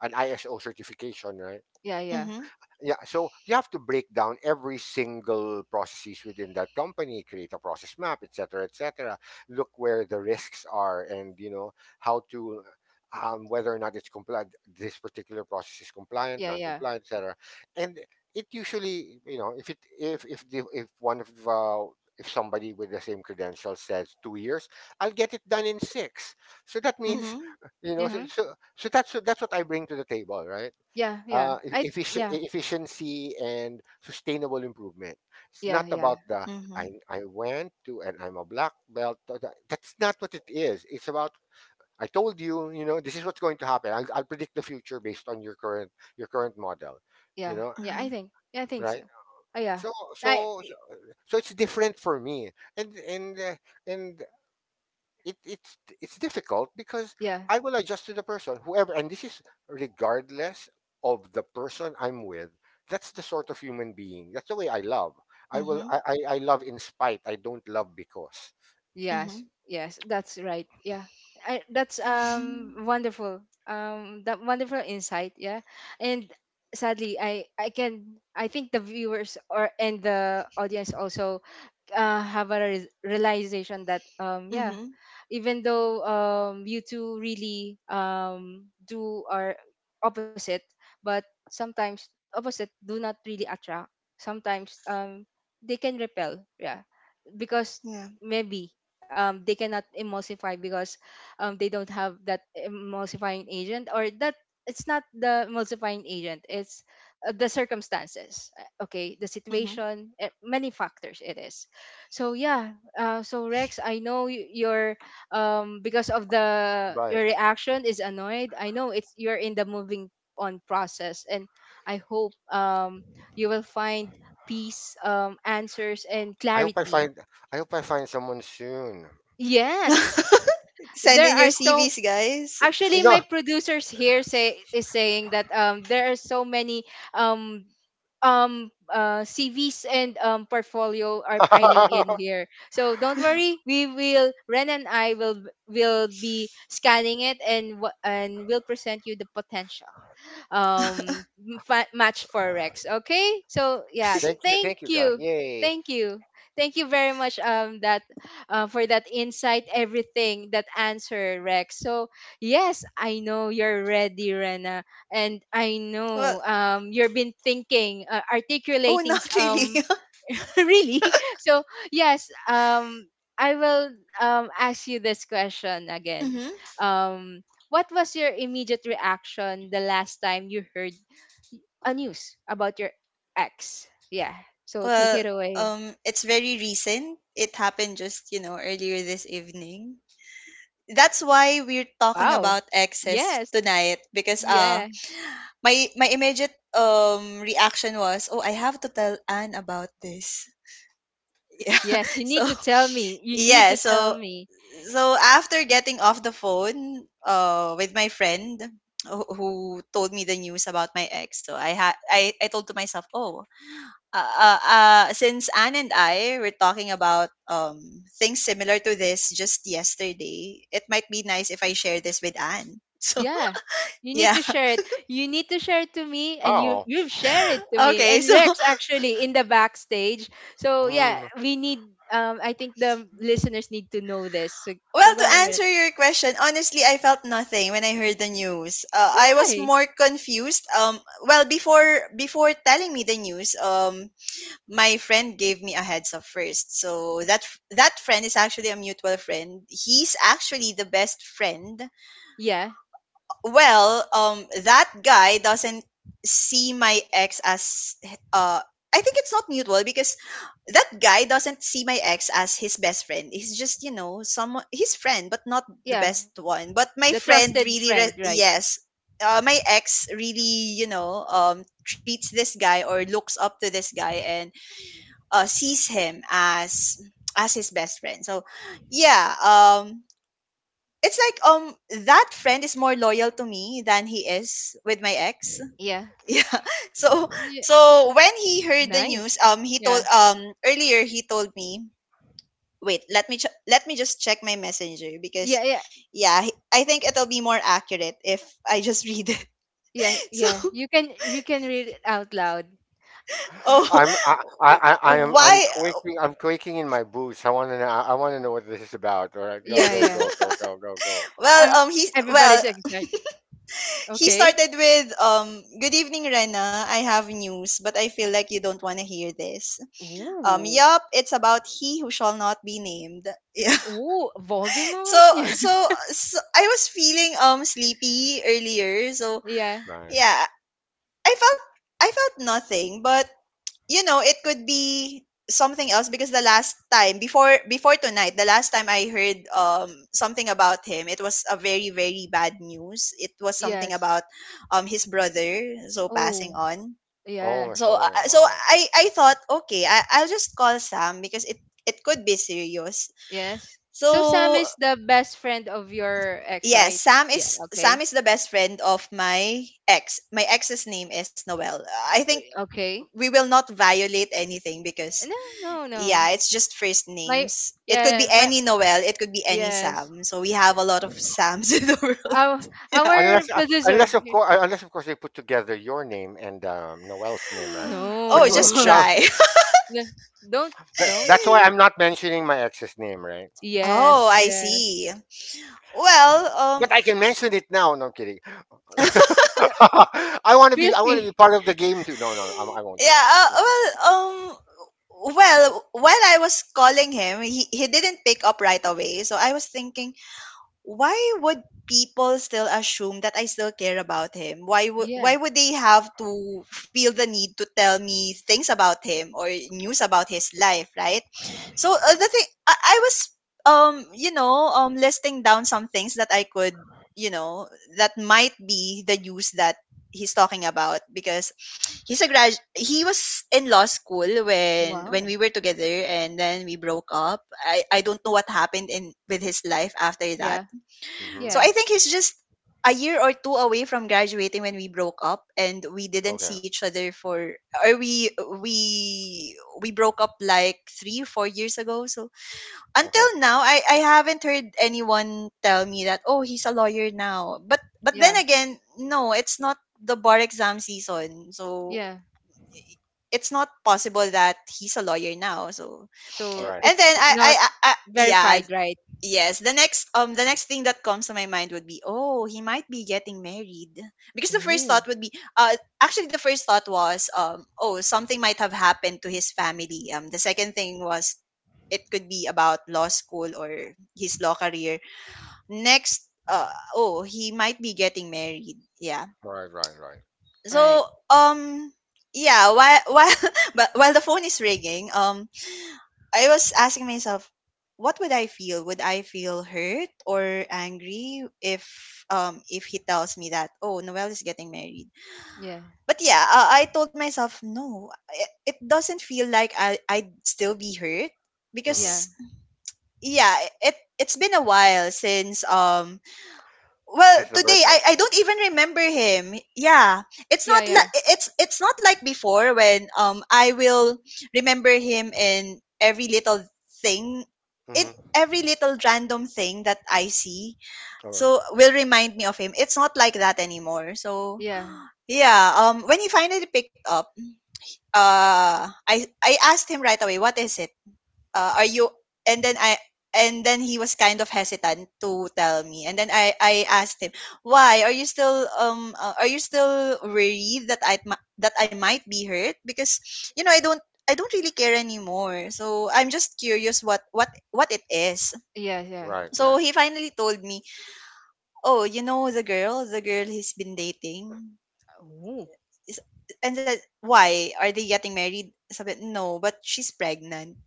an ISO certification, right?
yeah, yeah,
Mhm.
Yeah, so you have to break down every single processes within that company, create a process map, etc., etc., look where the risks are, and, you know, how to, whether or not it's compliant, this particular process is compliant,
yeah, yeah,
non-compliant, etc. And it usually, you know, if if one of if somebody with the same credentials says 2 years, I'll get it done in six. So that means,
Mhm.
you
yeah,
know,
uh-huh,
so that's, that's what I bring to the table, right?
yeah, yeah, I yeah,
Efficiency and sustainable improvement. It's not
yeah, yeah,
about the,
Mhm.
I went to, and I'm a black belt. That's not what it is. It's about, I told you, you know, this is what's going to happen. I'll predict the future based on your current, your current model, you
yeah,
know,
yeah, I
Mhm.
think, yeah, I think so,
right?
oh yeah,
So
I
so so so it's different for me. And and it, it's difficult because
yeah.
I will adjust to the person, whoever, and this is regardless of the person I'm with. That's the sort of human being. That's the way I love. I will.
Mhm.
I love in spite. I don't love because.
Yes,
Mhm.
yes, that's right. Yeah, that's,
Mhm.
wonderful. That wonderful insight. Yeah, and sadly, I can, I think the viewers or and the audience also, have a realization that, yeah,
Mhm.
even though, you two really, do are opposite, but sometimes opposite do not really attract. Sometimes, they can repel. Yeah, because
Yeah.
maybe, they cannot emulsify, because, they don't have that emulsifying agent, or that, it's not the emulsifying agent, it's, the circumstances, okay, the
Mhm.
situation, many factors it is. So yeah, so Rex, I know you're, because of the, your
But
reaction is annoyed, I know it's, you're in the moving on process, and I hope, you will find peace, answers and
I hope I
clarity.
find. I hope I find someone soon.
Yes,
Send
there
in your
are so,
CVs, guys.
actually
No.
my producers here say is saying that, there are so many, um CVs and, portfolio are piling in here. So don't worry, we will, Ren and I will be scanning it, and and we'll present you the potential, um match for Rex. Okay, so yeah,
Thank you.
thank
Thank you, guys.
you,
Yay.
thank you, thank you very much, that for that insight, everything that answer Rex. So yes, I know you're ready, Rena, and I
Well,
know, you've been thinking,
oh, not really.
really. So yes, I will ask you this question again.
Mhm.
Um, what was your immediate reaction the last time you heard, y- a news about your ex? Yeah. So take
Well,
it away.
it's very recent. It happened just earlier this evening. That's why we're talking
Wow.
about exes
Yes.
tonight because
Yeah.
my immediate reaction was, oh, I have to tell Anne about this. Yeah.
Yes. You
So
need to tell me. You need
yeah,
to tell
so
me.
so after getting off the phone with my friend who told me the news about my ex. So I had I told to myself, oh, since Anne and I were talking about things similar to this just yesterday, it might be nice if I share this with Anne. So
Yeah. You need
yeah.
to share it. You need to share it to me, and you,
Wow.
you've shared it to me
Okay,
and
so.
Rex actually in the backstage. So yeah,
Mm,
we need, I think the listeners need to know this. So, so
Well,
go
to
on Rex.
answer your question, honestly, I felt nothing when I heard the news. I was
Why?
more confused. Well, before telling me the news, my friend gave me a heads up first. So that friend is actually a mutual friend. He's actually the best friend.
Yeah.
Well, that guy doesn't see my ex as uh. I think it's not mutual because that guy doesn't see my ex as his best friend. He's just, someone his friend, but not the
Yeah.
best one. But my
The
friend
trusted
really,
friend,
re-
right?
yes, my ex really, treats this guy or looks up to this guy and sees him as his best friend. So, yeah, it's like that friend is more loyal to me than he is with my ex.
Yeah.
Yeah, so
Yeah.
so when he heard the
Nice.
news, he told
Yeah.
earlier he told me, wait, let me just check my messenger
Yeah,
because,
yeah.
yeah, I think it'll be more accurate if I just read it.
Yeah,
So,
yeah. You can, you can read it out loud. So,
oh,
I'm, I am,
why,
I'm quaking in my boots. I want to know, I want to know what this is about. All right,
yeah, yeah.
go.
well,
Um
he well
everybody's excited.
he
Okay.
started with, "Good evening, Rena, I have news but I feel like you don't want to hear this,
Ooh.
yup, it's about he who shall not be named." Yeah.
Ooh,
so
Voldemort?
so, so I was feeling sleepy earlier, so,
Yeah.
Right.
yeah, i felt I felt nothing, but it could be something else because the last time, before tonight, the last time I heard something about him, it was a very, very bad news. It was something
Yes.
about his brother so
Oh,
passing on.
Oh,
yeah.
I'm
So uh,
sorry.
uh, so
Wow.
I thought, okay, I'll just call Sam because it could be serious.
Yes. So Sam
So
is the best friend of your ex,
yes,
right?
Sam
Yeah.
is Sam
Okay.
is the best friend of my ex. My ex's name is Noel. I think
Okay.
we will not violate anything because,
No, no, no.
yeah, it's just first
My,
names. It could be
yeah, my,
any Noel, it could be any
yes.
Sam. So we have a lot of Sams in the world.
Our
Yeah.
our
Unless,
producer.
unless of course they put together your name and, Noel's name, right?
Oh,
Which,
just
No.
now
try.
No, don't don't.
that's why I'm not mentioning my ex's name, right?
Oh,
Yes,
I
yes.
see. Well,
But I can mention it now. No, I'm kidding.
Yeah,
I want to
feel
be, I want to be
free.
part of the game too. No, no, I won't. I
Yes,
yeah,
won't. Of course
well,
uh,
well, while I was calling him, he didn't pick up right away. So I was thinking, why would people still assume that I still care about him? Why would
yeah.
why would they have to feel the need to tell me things about him or news about his life, right? So the thing I was listing down some things that I could, you know that might be the use that he's talking about because he's a grad he was in law school when
Wow.
we were together, and then we broke up. I don't know what happened in with his life after that,
Yeah.
not. Mm-hmm.
so
Yeah.
I think he's just a year or two away from graduating when we broke up, and we didn't
Okay.
see each other for or we we broke up like 3-4 years ago. So until
Okay.
now, I haven't heard anyone tell me that, oh, he's a lawyer now, but then
Yeah.
again, no, it's not the bar exam season, so
Yeah.
it's not possible that he's a lawyer now. So
All
So
right.
and then
it's
I I,
not
I, I yeah.
verified, right?
Yes, the next thing that comes to my mind would be, oh, he might be getting married. Because the first
Oh.
thought would be, actually, the first thought was, oh, something might have happened to his family. The second thing was it could be about law school or his law career. Next, oh, he might be getting married. Yeah.
All right. Right. Right.
So
Right.
yeah, while while, but while the phone is ringing, I was asking myself, what would I feel? Would I feel hurt or angry if if he tells me that, oh, Noel is getting married?
Yeah.
But yeah, I told myself, no. It doesn't feel like I'd still be hurt
Mhm.
Yeah.
because yeah, it's been a while since well
Since the
today
breakup.
I don't even remember him, yeah. It's
Yeah.
not
Yeah.
like it's not like before when I will remember him in every little thing, in
Mm-hmm.
every little random thing that I see,
All right.
so will remind me of him. It's not like that anymore, so
Yeah.
yeah, when he finally picked up, I asked him right away, what is it, are you... And then I and then he was kind of hesitant to tell me, and then I asked him, why are you still worried that I that I might be hurt? Because I don't, I don't really care anymore, so I'm just curious what it is.
Yeah. Yeah.
Right,
So
right.
he finally told me, oh, you know, the girl he's been dating
Oh.
is... And then why are they getting married? Sabi, no, but she's pregnant.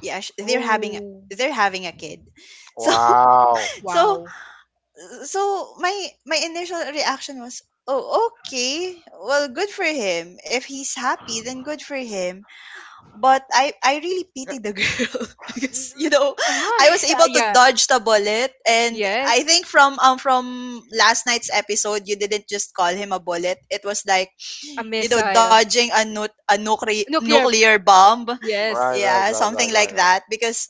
Yeah, they're having,
Oh.
they're having a kid. So
Wow.
so
Wow.
so my my initial reaction was, "Oh, okay. Well, good for him. If he's happy, then good for him." But I really
Yeah.
pity the girl,
N-
because you know, I was
Why?
able to
yeah.
dodge the bullet. And I
Yes.
think from last night's episode, you didn't just call him a bullet. It was like,
A
you know,
missile.
dodging a, a nuclear
Nuclear.
bomb.
Right,
Yes.
right,
Yeah,
right,
something
right, right,
like
right.
that. Because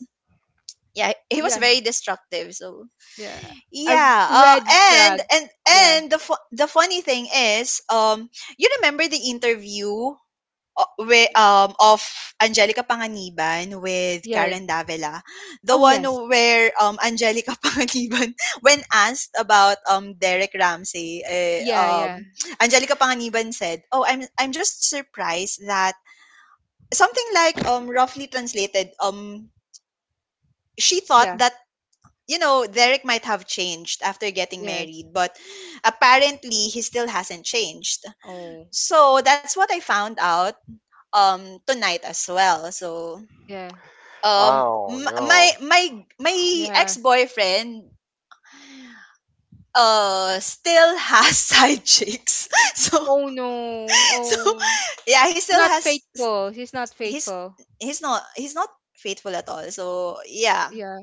yeah, he was
Yeah.
very destructive. So
Yeah. A
yeah,
red
and
flag.
and and
Yeah.
the the funny thing is, you remember the interview with, of Angelica Panganiban with
Yeah.
Karen Davila, the
Oh
one
yes.
where Angelica Panganiban, when asked about Derek Ramsey, eh,
Yeah. Yeah.
Angelica Panganiban said, "Oh, I'm just surprised that something like roughly translated she thought
Yeah.
that you know Derek might have changed after getting
Yes.
married, but apparently he still hasn't changed."
Oh.
So that's what I found out tonight as well. So
Yeah.
um
Oh
my
no.
my my
Yeah.
ex-boyfriend still has side chicks so,
Oh no.
so
Oh.
yeah, he
It's
still
not
has...
faithful. She's not
he's
faithful.
he's not, he's not faithful at all, so yeah,
Yeah.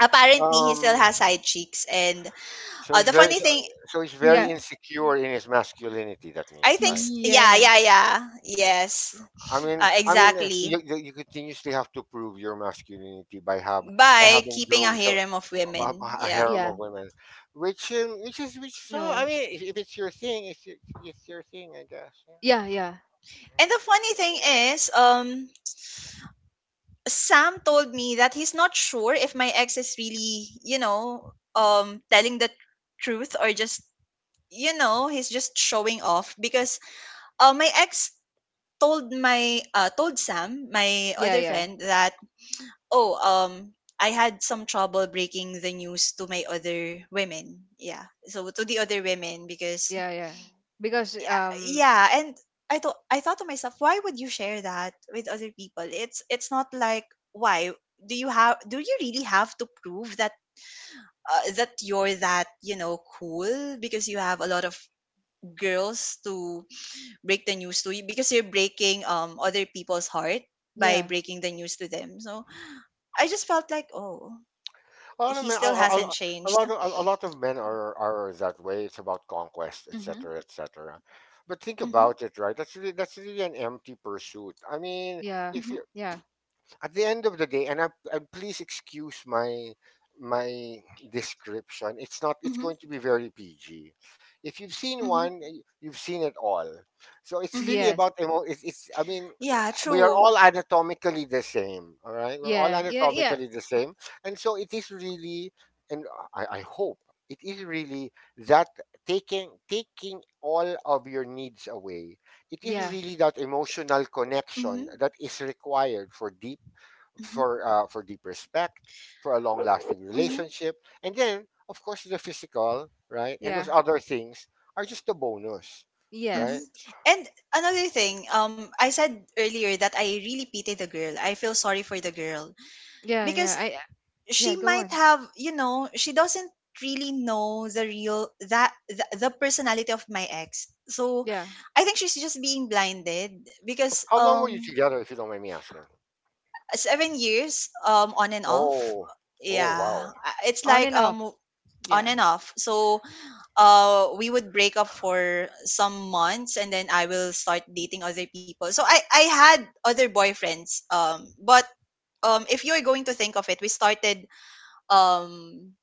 apparently he still
Um.
has side cheeks. And
So he's
the
very.
funny
So
thing...
so he's very
Mhm.
Yeah.
insecure in his masculinity. That
I
means,
think
right?
yeah,
Yeah.
yeah, yeah. Yes.
I mean, I mean,
Exactly.
you you continuously have to prove your masculinity by have by
By
having
keeping a
girls, so,
harem of
a
women,
a
yeah.
harem
Yeah.
of women, which, which is which. So I
No.
mean, if it's your thing, it's your thing, I guess. Yeah.
Yeah, yeah,
And the
Mm-hmm.
funny thing is, Sam told me that he's not sure if my ex is really, you know, telling the truth, or just, you know, he's just showing off. Because my ex told my told Sam, my
yeah,
other
yeah,
friend, that, "Oh, I had some trouble breaking the news to my other women. Yeah. So to the other women." Because
yeah, yeah. Because
yeah, yeah, and I thought to myself, why would you share that with other people? It's not like... Why do you have, do you really have to prove that that you're that, you know, cool because you have a lot of girls to break the news to? You, because you're breaking other people's heart by
yeah,
breaking the news to them. So I just felt like, oh,
A lot of
he
men,
still hasn't changed.
a lot of men are that way. It's about conquest,
Mm-hmm,
etc., etc. But think
mm-hmm,
about it, right? That's really, that's really an empty pursuit. I mean,
yeah,
if
mm-hmm,
you
yeah,
at the end of the day, and I, and please excuse my my description. It's not. It's
mm-hmm,
going to be very PG. If you've seen
mm-hmm,
one, you've seen it all. So it's really
mm-hmm.
yes,
about emo. It's, it's. I mean,
Yeah,
we are
true.
all anatomically the same. All right, we're all
yeah, yeah, yeah,
anatomically the same, and so it is really. And I hope it is really that taking all of your needs away, it is
yeah,
really that emotional connection
Mm-hmm,
that is required for deep,
mm-hmm,
for deep respect, for a long lasting
mm-hmm,
relationship, and then of course the physical, right? And those
yeah,
other things are just a bonus, right?
mm-hmm.
yes,
And another thing, I said earlier that I really pity the girl. I feel sorry for the girl,
yeah, yeah.
because
Yeah,
she
go
might
on.
have, you know, she doesn't really know the real, that the personality of my ex. So
Yeah,
I think she's just being blinded because
How long were you together, if you don't mind me asking?
7 years on and off.
Oh, oh
Yeah,
wow,
it's
on
like
and off.
on
Yeah,
and off. So, we would break up for some months and then I will start dating other people. So I had other boyfriends, but if you're going to think of it, we started um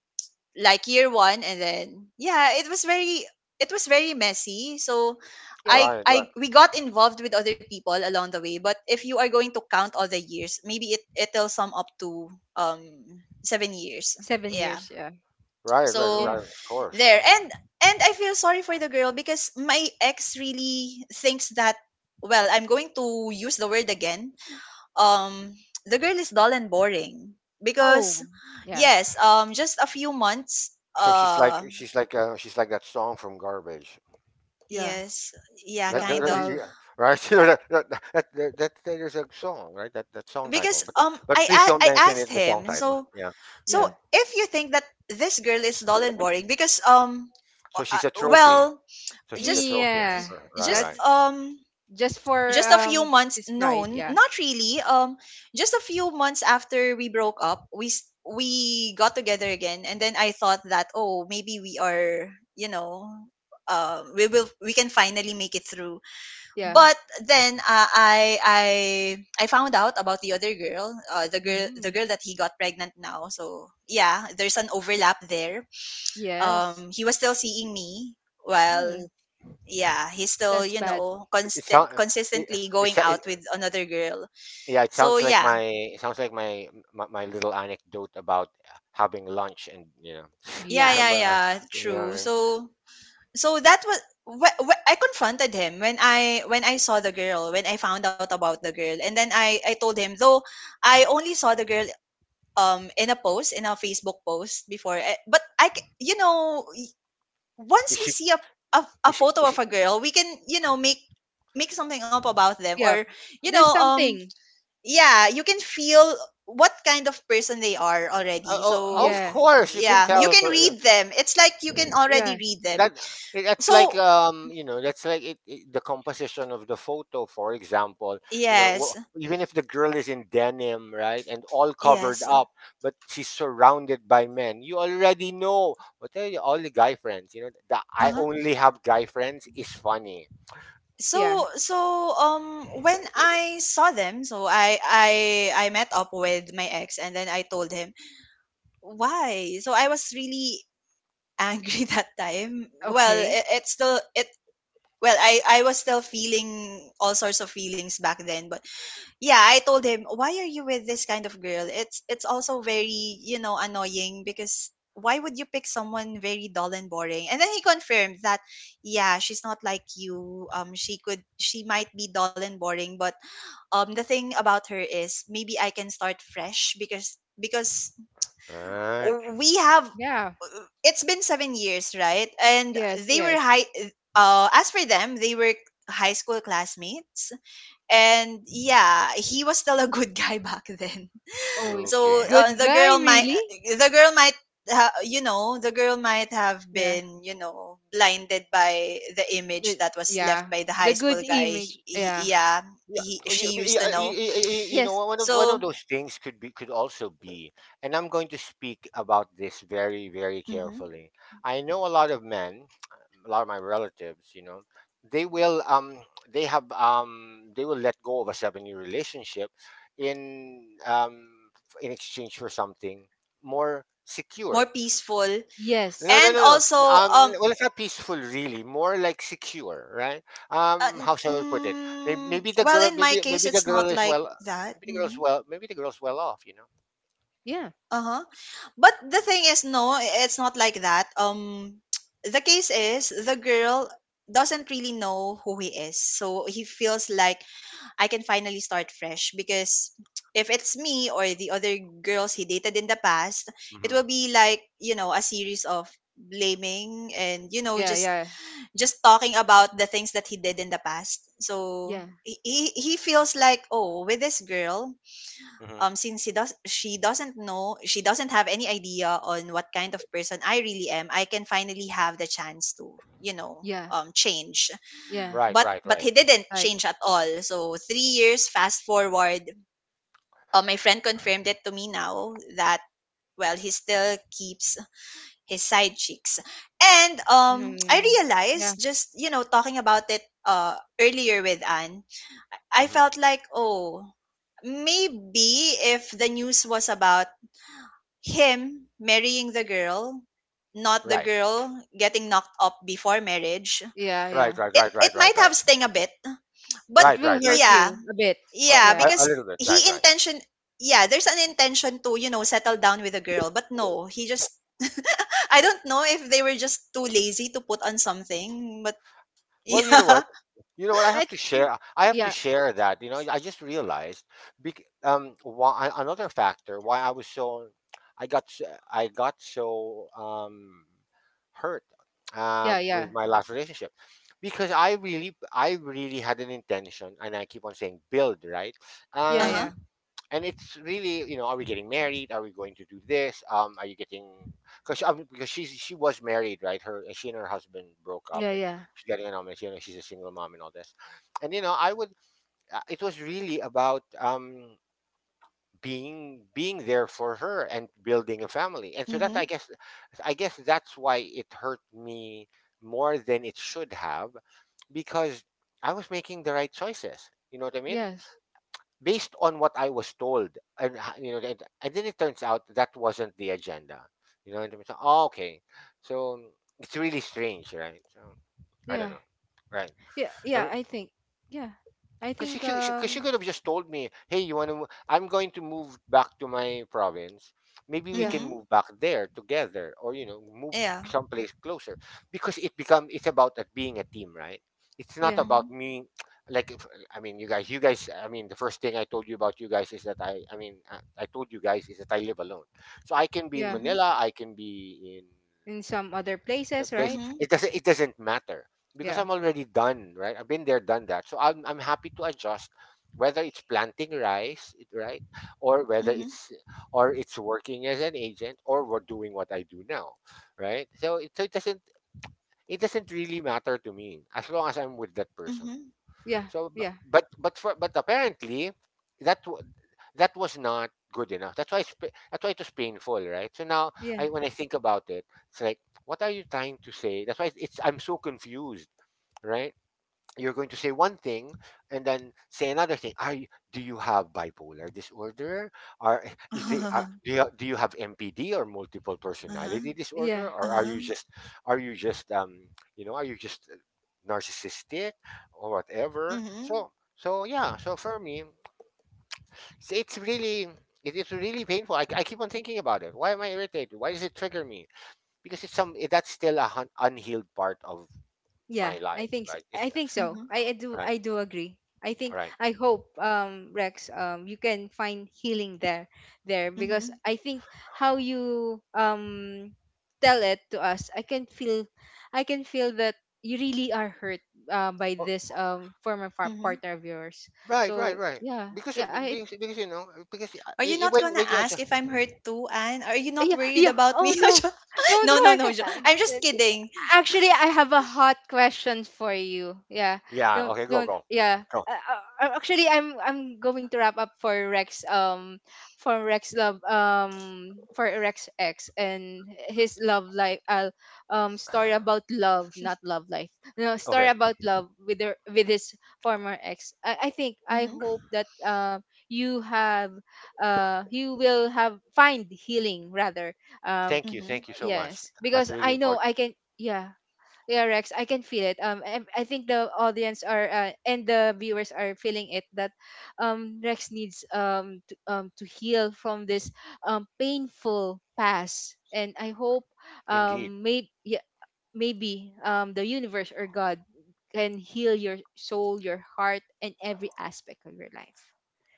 like year one, and then yeah, it was very, it was very messy. So
yeah.
right, right,
I we got involved with other people along the way, but if you are going to count all the years, maybe it it'll sum up to um 7 years,
Seven
yeah.
years. Yeah,
right, right,
So
yeah.
right. Of course.
there, and I feel sorry for the girl because my ex really thinks that, well, I'm going to use the word again, um the girl is dull and boring, because
Oh, yeah,
yes, just a few months,
So she's like she's like she's like that song from Garbage.
yeah.
yes, yeah, kind of.
The
Yeah, right? You know, that there's a song, right? That that song title,
Because
but please don't
I
mention
asked
it. The song
him,
title,
so,
yeah,
Yeah,
so
yeah.
if you think that this girl is dull and boring because
So she's a
well,
trophy. So she's a
just
trophy.
yeah.
Right,
just
right.
Let's
um
just for
just a few months,
his
no,
pride. Yeah,
not really. Just a few months after we broke up, we we got together again, and then I thought that, oh, maybe we are, you know, we will, we can finally make it through.
yeah.
But then I I found out about the other girl, the girl,
Mm,
that he got pregnant now. So yeah, there's an overlap there.
yes.
He was still seeing me while,
Oh,
yeah, he's still,
that's
you
bad.
know,
It sounds, it,
consistently
it,
going
sou- it,
out with another girl.
yeah, it
So
sounds like my,
yeah,
it sounds like my little anecdote about having lunch and, you know,
yeah,
Yeah,
yeah,
remember,
yeah,
you know what
true.
I mean?
So that was, I confronted him when I saw the girl, when I found out about the girl. And then I told him, though, I only saw the girl in a post, in a Facebook post before. Eh, but you know,
Is
once we
she,
see a a photo
is
of
she,
a girl, we can, you know, make something up about them,
yeah.
or you know,
There's something.
yeah, you can feel what kind of person they are already.
oh, oh,
So
of
Yeah.
course you can
yeah, you
tell
can
her. Yeah.
read them. It's like you can already
Yeah.
read them.
That, that's like,
So
you know, that's like it, the composition of the photo, for example, you know.
yes,
Even if the girl is in denim, right, and all covered
yes.
up, but she's surrounded by men, you already know what are you. All the guy friends, you know, the "I
Uh-huh.
only have guy friends" is funny,
Yeah.
So when I saw them, so I met up with my ex and then I told him, why? So I was really angry that time. Well,
Okay.
it, it's still, it well, I was still feeling all sorts of feelings back then. But yeah, I told him, "Why are you with this kind of girl? It's also very, you know, annoying. Because why would you pick someone very dull and boring?" And then he confirmed that, "Yeah, she's not like you. She could, she might be dull and boring, but the thing about her is, maybe I can start fresh, because
right?
we have..."
Yeah.
It's been 7 years, right? And
Yes,
they were
yes.
high... as for them, they were high school classmates, and yeah, he was still a good guy back then.
Oh,
So
Okay.
good
the
guy,
girl might,
really?
you know, the girl might have
Yeah.
been, you know, blinded by the image
But,
that was left
yeah.
by the
The
high
good
school guy. He,
image. Yeah.
yeah,
Yeah,
he,
oh,
she
you,
used
you,
to
you,
know.
you you know,
Yes.
one of
So.
those things could be, could also be, and I'm going to speak about this very very
Mhm.
carefully. I know a lot of men, a lot of my relatives, you know, they will, they have, they will let go of a 7-year relationship in, in exchange for something more
More
secure,
peaceful,
Yes.
no, no,
and
no, no.
also um,
Well, it's not peaceful, really. More like secure, right?
Uh, n-
How shall I put it? Maybe,
mm,
maybe the
well,
girl,
in my
maybe
case,
maybe the
it's
girl
not
is
like
well,
that.
maybe the girl's
Hmm.
well, maybe the girl's well off, you know.
Yeah.
Uh huh. But the thing is, no, it's not like that. The case is, the girl doesn't really know who he is, so he feels like, I can finally start fresh. Because if it's me or the other girls he dated in the past, it
Hmm.
will be like, you know, a series of blaming and, you know,
Yeah,
just
yeah.
talking about the things that he did in the past. So
Yeah.
he feels like, oh, with this girl,
Hmm.
since he does, she doesn't know, she doesn't have any idea on what kind of person I really am, I can finally have the chance to, you know,
Yeah.
change.
Yeah.
Right,
But
right, right.
he didn't
Like
change at all. So 3 years fast forward, my friend confirmed it to me now that, well, he still keeps his side cheeks. And I
no. Yeah.
realized, just, you know, talking about it earlier with Anne, I
Hmm.
felt like, oh, maybe if the news was about him marrying the girl, not the
Right,
girl getting knocked up before marriage,
Yeah,
right,
yeah.
right,
it
right, right,
it
right,
might
right,
have sting a bit. But
It
right,
will
right, right.
hurt
yeah,
you a bit.
yeah,
Yeah.
A
because
little bit,
he
right, right.
intention... Yeah, there's an intention to, you know, settle down with a girl, but no, he just, I don't know if they were just too lazy to put on something, but
Well, you know what?
yeah.
You know what? I
I
have to
think-
share. I have to
yeah.
share that. You know, I just realized, why another factor why I was so, I got so, hurt,
Yeah,
with
yeah.
my last relationship, because I really, I really had an intention, and I keep on saying build, right.
Yeah,
Uh-huh.
yeah.
Um, and it's really, you know, are we getting married, are we going to do this? Are you getting, because she was married, right, her, she and her husband broke up,
Yeah,
and
yeah.
she's getting an almost, you know, she's a single mom and all this. And, you know, I would, it was really about, being, being there for her and building a family. And so that's,
Mhm.
I guess, I guess that's why it hurt me more than it should have, because I was making the right choices, you know what I mean,
Yes.
based on what I was told. And, you know, and then it turns out that wasn't the agenda. You know, and it was, oh, okay. So it's really strange, right? So I
Yeah.
don't know, right?
Yeah,
I,
yeah, I think. Yeah. I
because she,
think
cause she could have just told me, hey, you want to, I'm going to move back to my province. Maybe we
yeah,
can
Mhm.
move back there together or, you know, move
Yeah.
someplace closer, because it become, it's about that being a team, right? It's not
yeah,
about
Mhm.
me. Like, if, I mean, you guys, I mean, the first thing I told you about you guys is that I mean, I told you guys is that I live alone. So I can be in
yeah.
Mhm.
Manila. I can be in
In some other
the
places,
place,
right?
Mhm.
it doesn't, it doesn't matter because
Yeah.
I'm already done, right? I've been there done that. So I'm happy to adjust, whether it's planting rice, right, or whether
Mhm.
it's, or it's working as an agent, or we're doing what I do now, right? So it, so it doesn't, it doesn't really matter to me as long as I'm with that person.
Mhm.
Yeah.
So,
Yeah.
but for, but apparently, that that was not good enough. That's why it's, that's why it was painful, right? So now,
Yeah.
I, when I think about it, it's like, what are you trying to say? That's why it's, I'm so confused, right? You're going to say one thing and then say another thing. Are you, do you have bipolar disorder? Are, is it,
Uh-huh.
do you, do you have MPD or multiple
Uh-huh.
personality
Yeah.
disorder? Or are you
Uh-huh.
just, are you just, you know, are you just, narcissistic or whatever?
Mhm.
So so yeah. So for me, it's really, it is really painful. I keep on thinking about it. Why am I irritated? Why does it trigger me? Because it's some, that's still a unhealed part of
Yeah,
my life, right? It's,
I think so.
Mhm.
I, I do
right,
I do agree. I think
right.
I hope Rex, you can find healing there, because
Mhm.
I think how you tell it to us, I can feel that you really are hurt, by
Well,
this
Mhm.
partner of yours.
right, right,
So
right.
yeah,
Because,
yeah, I.
because you know, because,
Are you not gonna
when you
ask
adjust.
if I'm hurt too, Anne? Are you not
Yeah,
worried
yeah.
about
Oh
me?
no.
Jo-
Don't
no, no, no,
worry.
I'm just kidding.
Actually, I have a hot question for you. Yeah.
Yeah. Okay. Go.
Don't
Go.
yeah.
Go.
Actually, I'm going to wrap up for Rex, for Rex love, for Rex X and his love life, story about love, not love life. No, story
Okay.
about love with her, with his former ex. I
Mm-hmm,
hope that you have, you will have find healing rather, um
Thank you.
mm-hmm,
Thank you so much.
yes,
That's
because
really
I know
important.
I can, yeah, yeah, Rex, I can feel it, I think the audience are, and the viewers are feeling it, that Rex needs, to heal from this painful past, and I hope,
Indeed.
maybe, yeah, maybe the universe or God can heal your soul, your heart, and every aspect of your life.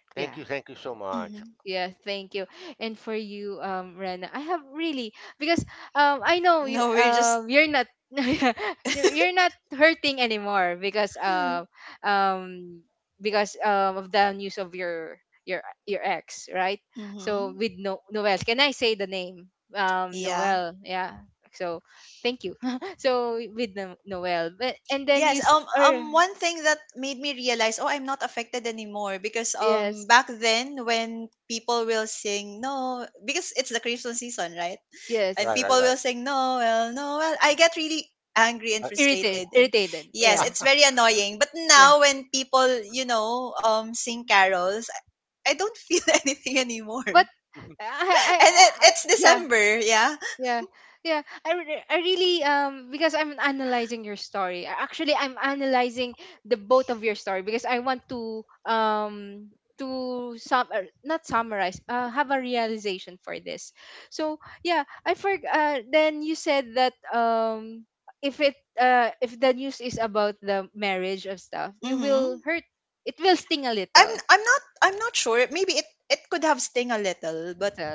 Thank
Yeah,
you. Thank you so much.
mm-hmm.
yeah, thank you. And for you, Rena, I have really, because I know you,
No, we're just...
you're not you're not hurting anymore, um because of the news of your your ex, right? So
Mm-hmm.
with no Noel, can I say the name?
Yeah.
Noel, yeah. So thank you. So with Noel, but, and then
Yes,
or
one thing that made me realize, oh, I'm not affected anymore, because
yes,
back then when people will sing no, because it's the Christmas season, right? And
Right.
yes.
Right.
people
Right.
will sing Noel, Noel. I get really angry and
Irritated,
frustrated, and
irritated,
yes,
yeah,
Uh,
it's very annoying. But
yeah.
now when people, you know, sing carols, I don't feel anything anymore. And
But
it,
I
it's
yeah,
December, yeah.
yeah, yeah. I really, because I'm analyzing your story. Actually, I'm analyzing the both of your story, because I want to, to sum, not summarize, have a realization for this. So yeah, I for, then you said that, if it if the news is about the marriage of stuff, you will
Mm-hmm.
hurt. It will sting a little.
I'm not sure. Maybe it could have sting a little, but
So,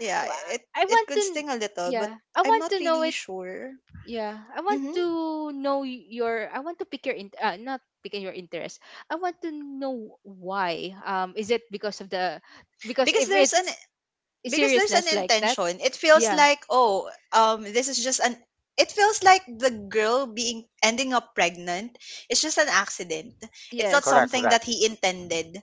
yeah,
Wa-
it
I want
it
to
could
kn-
sting a little, but
yeah, I
I'm
want
not
to know
really
it.
sure.
Yeah, I want
Hmm.
to know, your. I want to Pick your, not picking your interest. I want to know why. Is it because of the, because
Because
if
there's an...
it's
because there's an
seriousness like that?
intention. It feels
Yeah.
like, oh, this is just an... It feels like the girl being ending up pregnant is just an accident. It's not
Yes.
correct.
something
Correct.
that he intended.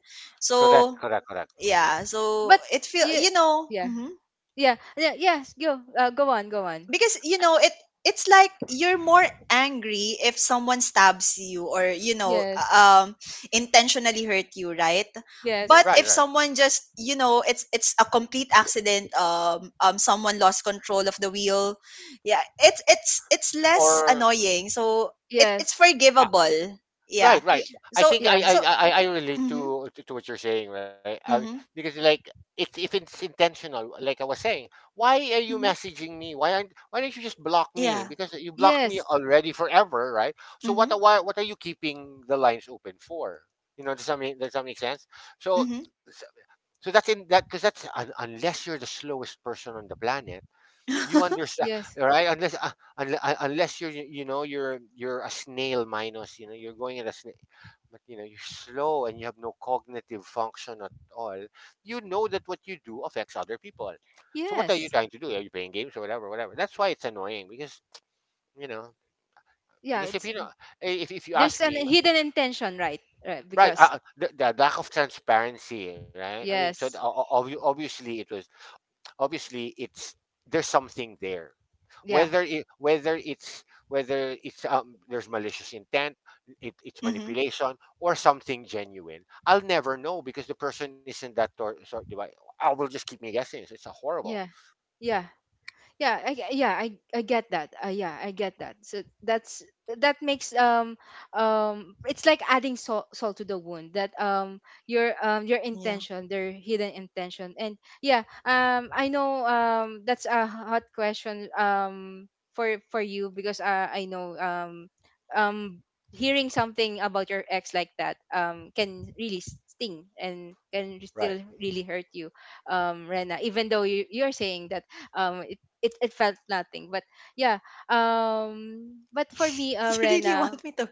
Correct.
So
Correct. Correct. Yeah.
yeah, so
But
it feel
yeah,
you know.
yeah.
Mhm.
Yeah. Yeah, yes, go. Go on, go on.
Because you know, it, it's like you're more angry if someone stabs you, or you know,
Yes.
um intentionally hurt you, right? But
Yes.
Right.
if
Right.
someone just, you know, it's a complete accident, someone lost control of the wheel. Yeah, it's less
Or.
annoying, so it, it's
Yes.
I,
forgivable, yeah.
right,
Y-
right. I
So
think I
yeah.
I
so
I, I relate
mhm,
to, to what you're saying, right? I,
mhm,
because like, if it's intentional, like I was saying, why are you
mhm,
messaging me? Why aren't, why don't you just block me?
yeah,
Because you blocked me
Yes.
already forever, right? So what,
mhm,
why, what are you keeping the lines open for? You know, does that make, does that make sense? So
mhm,
so so that's in that, because that's un, unless you're the slowest person on the planet, you understand,
Yes.
right? Unless, unless you're, you know, you're a snail minus, you know, you're going at a snail, but you know you're slow and you have no cognitive function at all. You know that what you do affects other people. So what are you
Yes.
trying to do? Are you playing games or whatever, whatever? That's why it's annoying, because you know,
Yeah,
because if
it's
you know, if you
there's
ask
an
me,
hidden intention, right? Right,
right,
because.
the lack of transparency, right, I mean, so the,
Yes.
obvi- obviously it was, obviously it's, there's something there,
Yeah.
whether it, whether it's, whether it's, there's malicious intent, it, it's
mhm,
manipulation, or something genuine. I'll never know because the person isn't that, so, di, I will just keep me guessing. So it's a horrible,
Yeah. Yeah. Yeah, yeah, I get that, yeah, I get that. So that's, that makes, it's like adding salt, salt to the wound. That, your, your intention, their hidden intention. And yeah, I know, that's a hot question, for you. Because, I know, um hearing something about your ex like that, can really sting and can
right.
still really hurt you, Rena, even though you're saying that, um it felt nothing. But yeah, but for me,
you really
Rena,
want me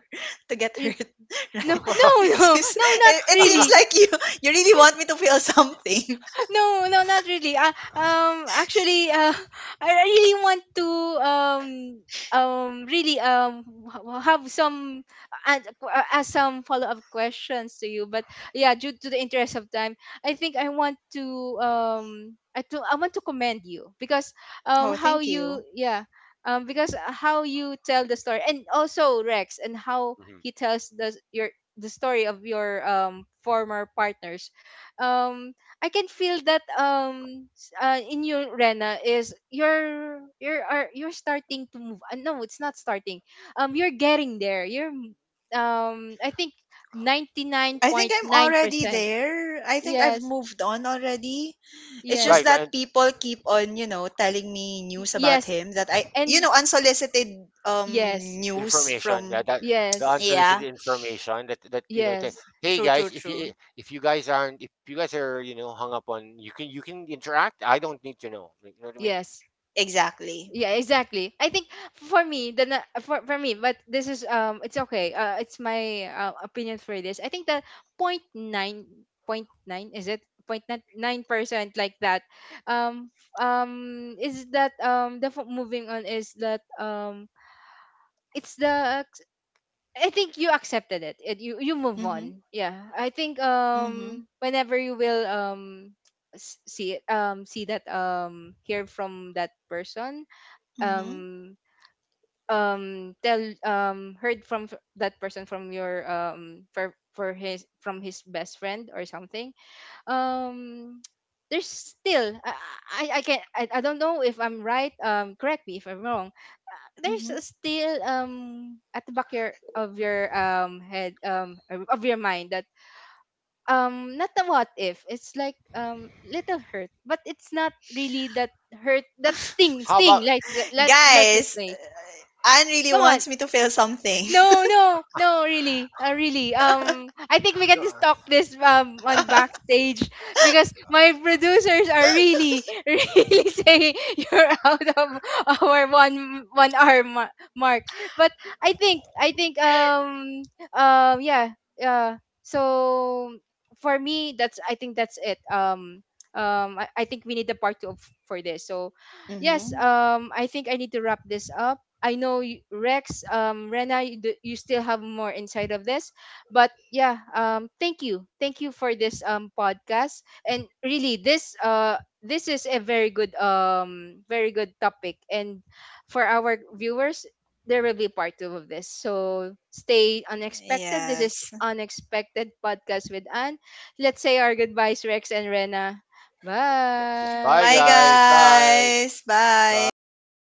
to get
y-
hurt,
no,
right?
no,
It
no,
seems,
no, not
it seems
really.
like you really want me to feel something.
No, no, not really. Actually, I really want to, um really, have some, ask some follow up questions to you. But yeah, due to the interest of time, I want to, I want to commend you because,
Oh,
how
thank
you,
you.
yeah, because, how you tell the story, and also Rex and how
Mhm.
he tells the story of your, former partners. um I can feel that, in you, Rena, is you're starting to move. No, it's not starting. You're getting there. I think ninety nine
I think
point
I'm
nine
already
percent.
there. I think I've
Yes,
moved on already. It's
Right,
just
yes,
right.
that people keep on, you know, telling me news about
yes,
him that I, you
and
know, unsolicited, um
yes,
news
Information, yeah,
from,
that the
yes,
unsolicited
yeah,
information that that, you know, say,
yes,
hey
true, true,
guys, if
true.
you, if you guys aren't, if you guys are, you know, hung up on, you can, you can interact, I don't need to know. Like, you know what I mean?
yes.
Exactly.
Yeah, exactly, I think, for me, for me, but this is, it's okay, it's my, opinion for this. I think that, point nine, point nine, is it point 9%, like that, is that, moving on is that, it's the, I think you accepted it, you move
Mhm.
on. Yeah, I think,
Mhm.
whenever you will, see it, see that, hear from that person,
Mhm.
um tell, heard from, that person from your, for his, from his best friend or something. um there's still, I can, I don't know if I'm right, correct me if I'm wrong. There's a
Mhm.
still, at the back your of your, head, or of your mind, that not the, what if, it's like, little hurt, but it's not really that hurt, that sting
How about,
sting like. Let, let's just
Guys,
say,
Anne really
come on.
wants me to feel something.
No, no, no, really, really. I think we can just
uh,
talk this, on backstage, because my producers are really, really saying you're out of our one one hour mark. But I think, yeah, so for me, that's I think that's it. I think we need a part two of, for this. So, yes,
Mhm.
I think I need to wrap this up. I know, Rex, Rena, you still have more inside of this. But yeah, thank you for this, podcast. And really, this is a very good, very good topic. And for our viewers, there will be part two of this. So stay unexpected. This is
Yes.
Unexpected Podcast with Anne. Let's say our goodbyes, Rex and Rena.
bye,
Bye,
Bye.
guys. Bye.
guys. Bye.
Bye.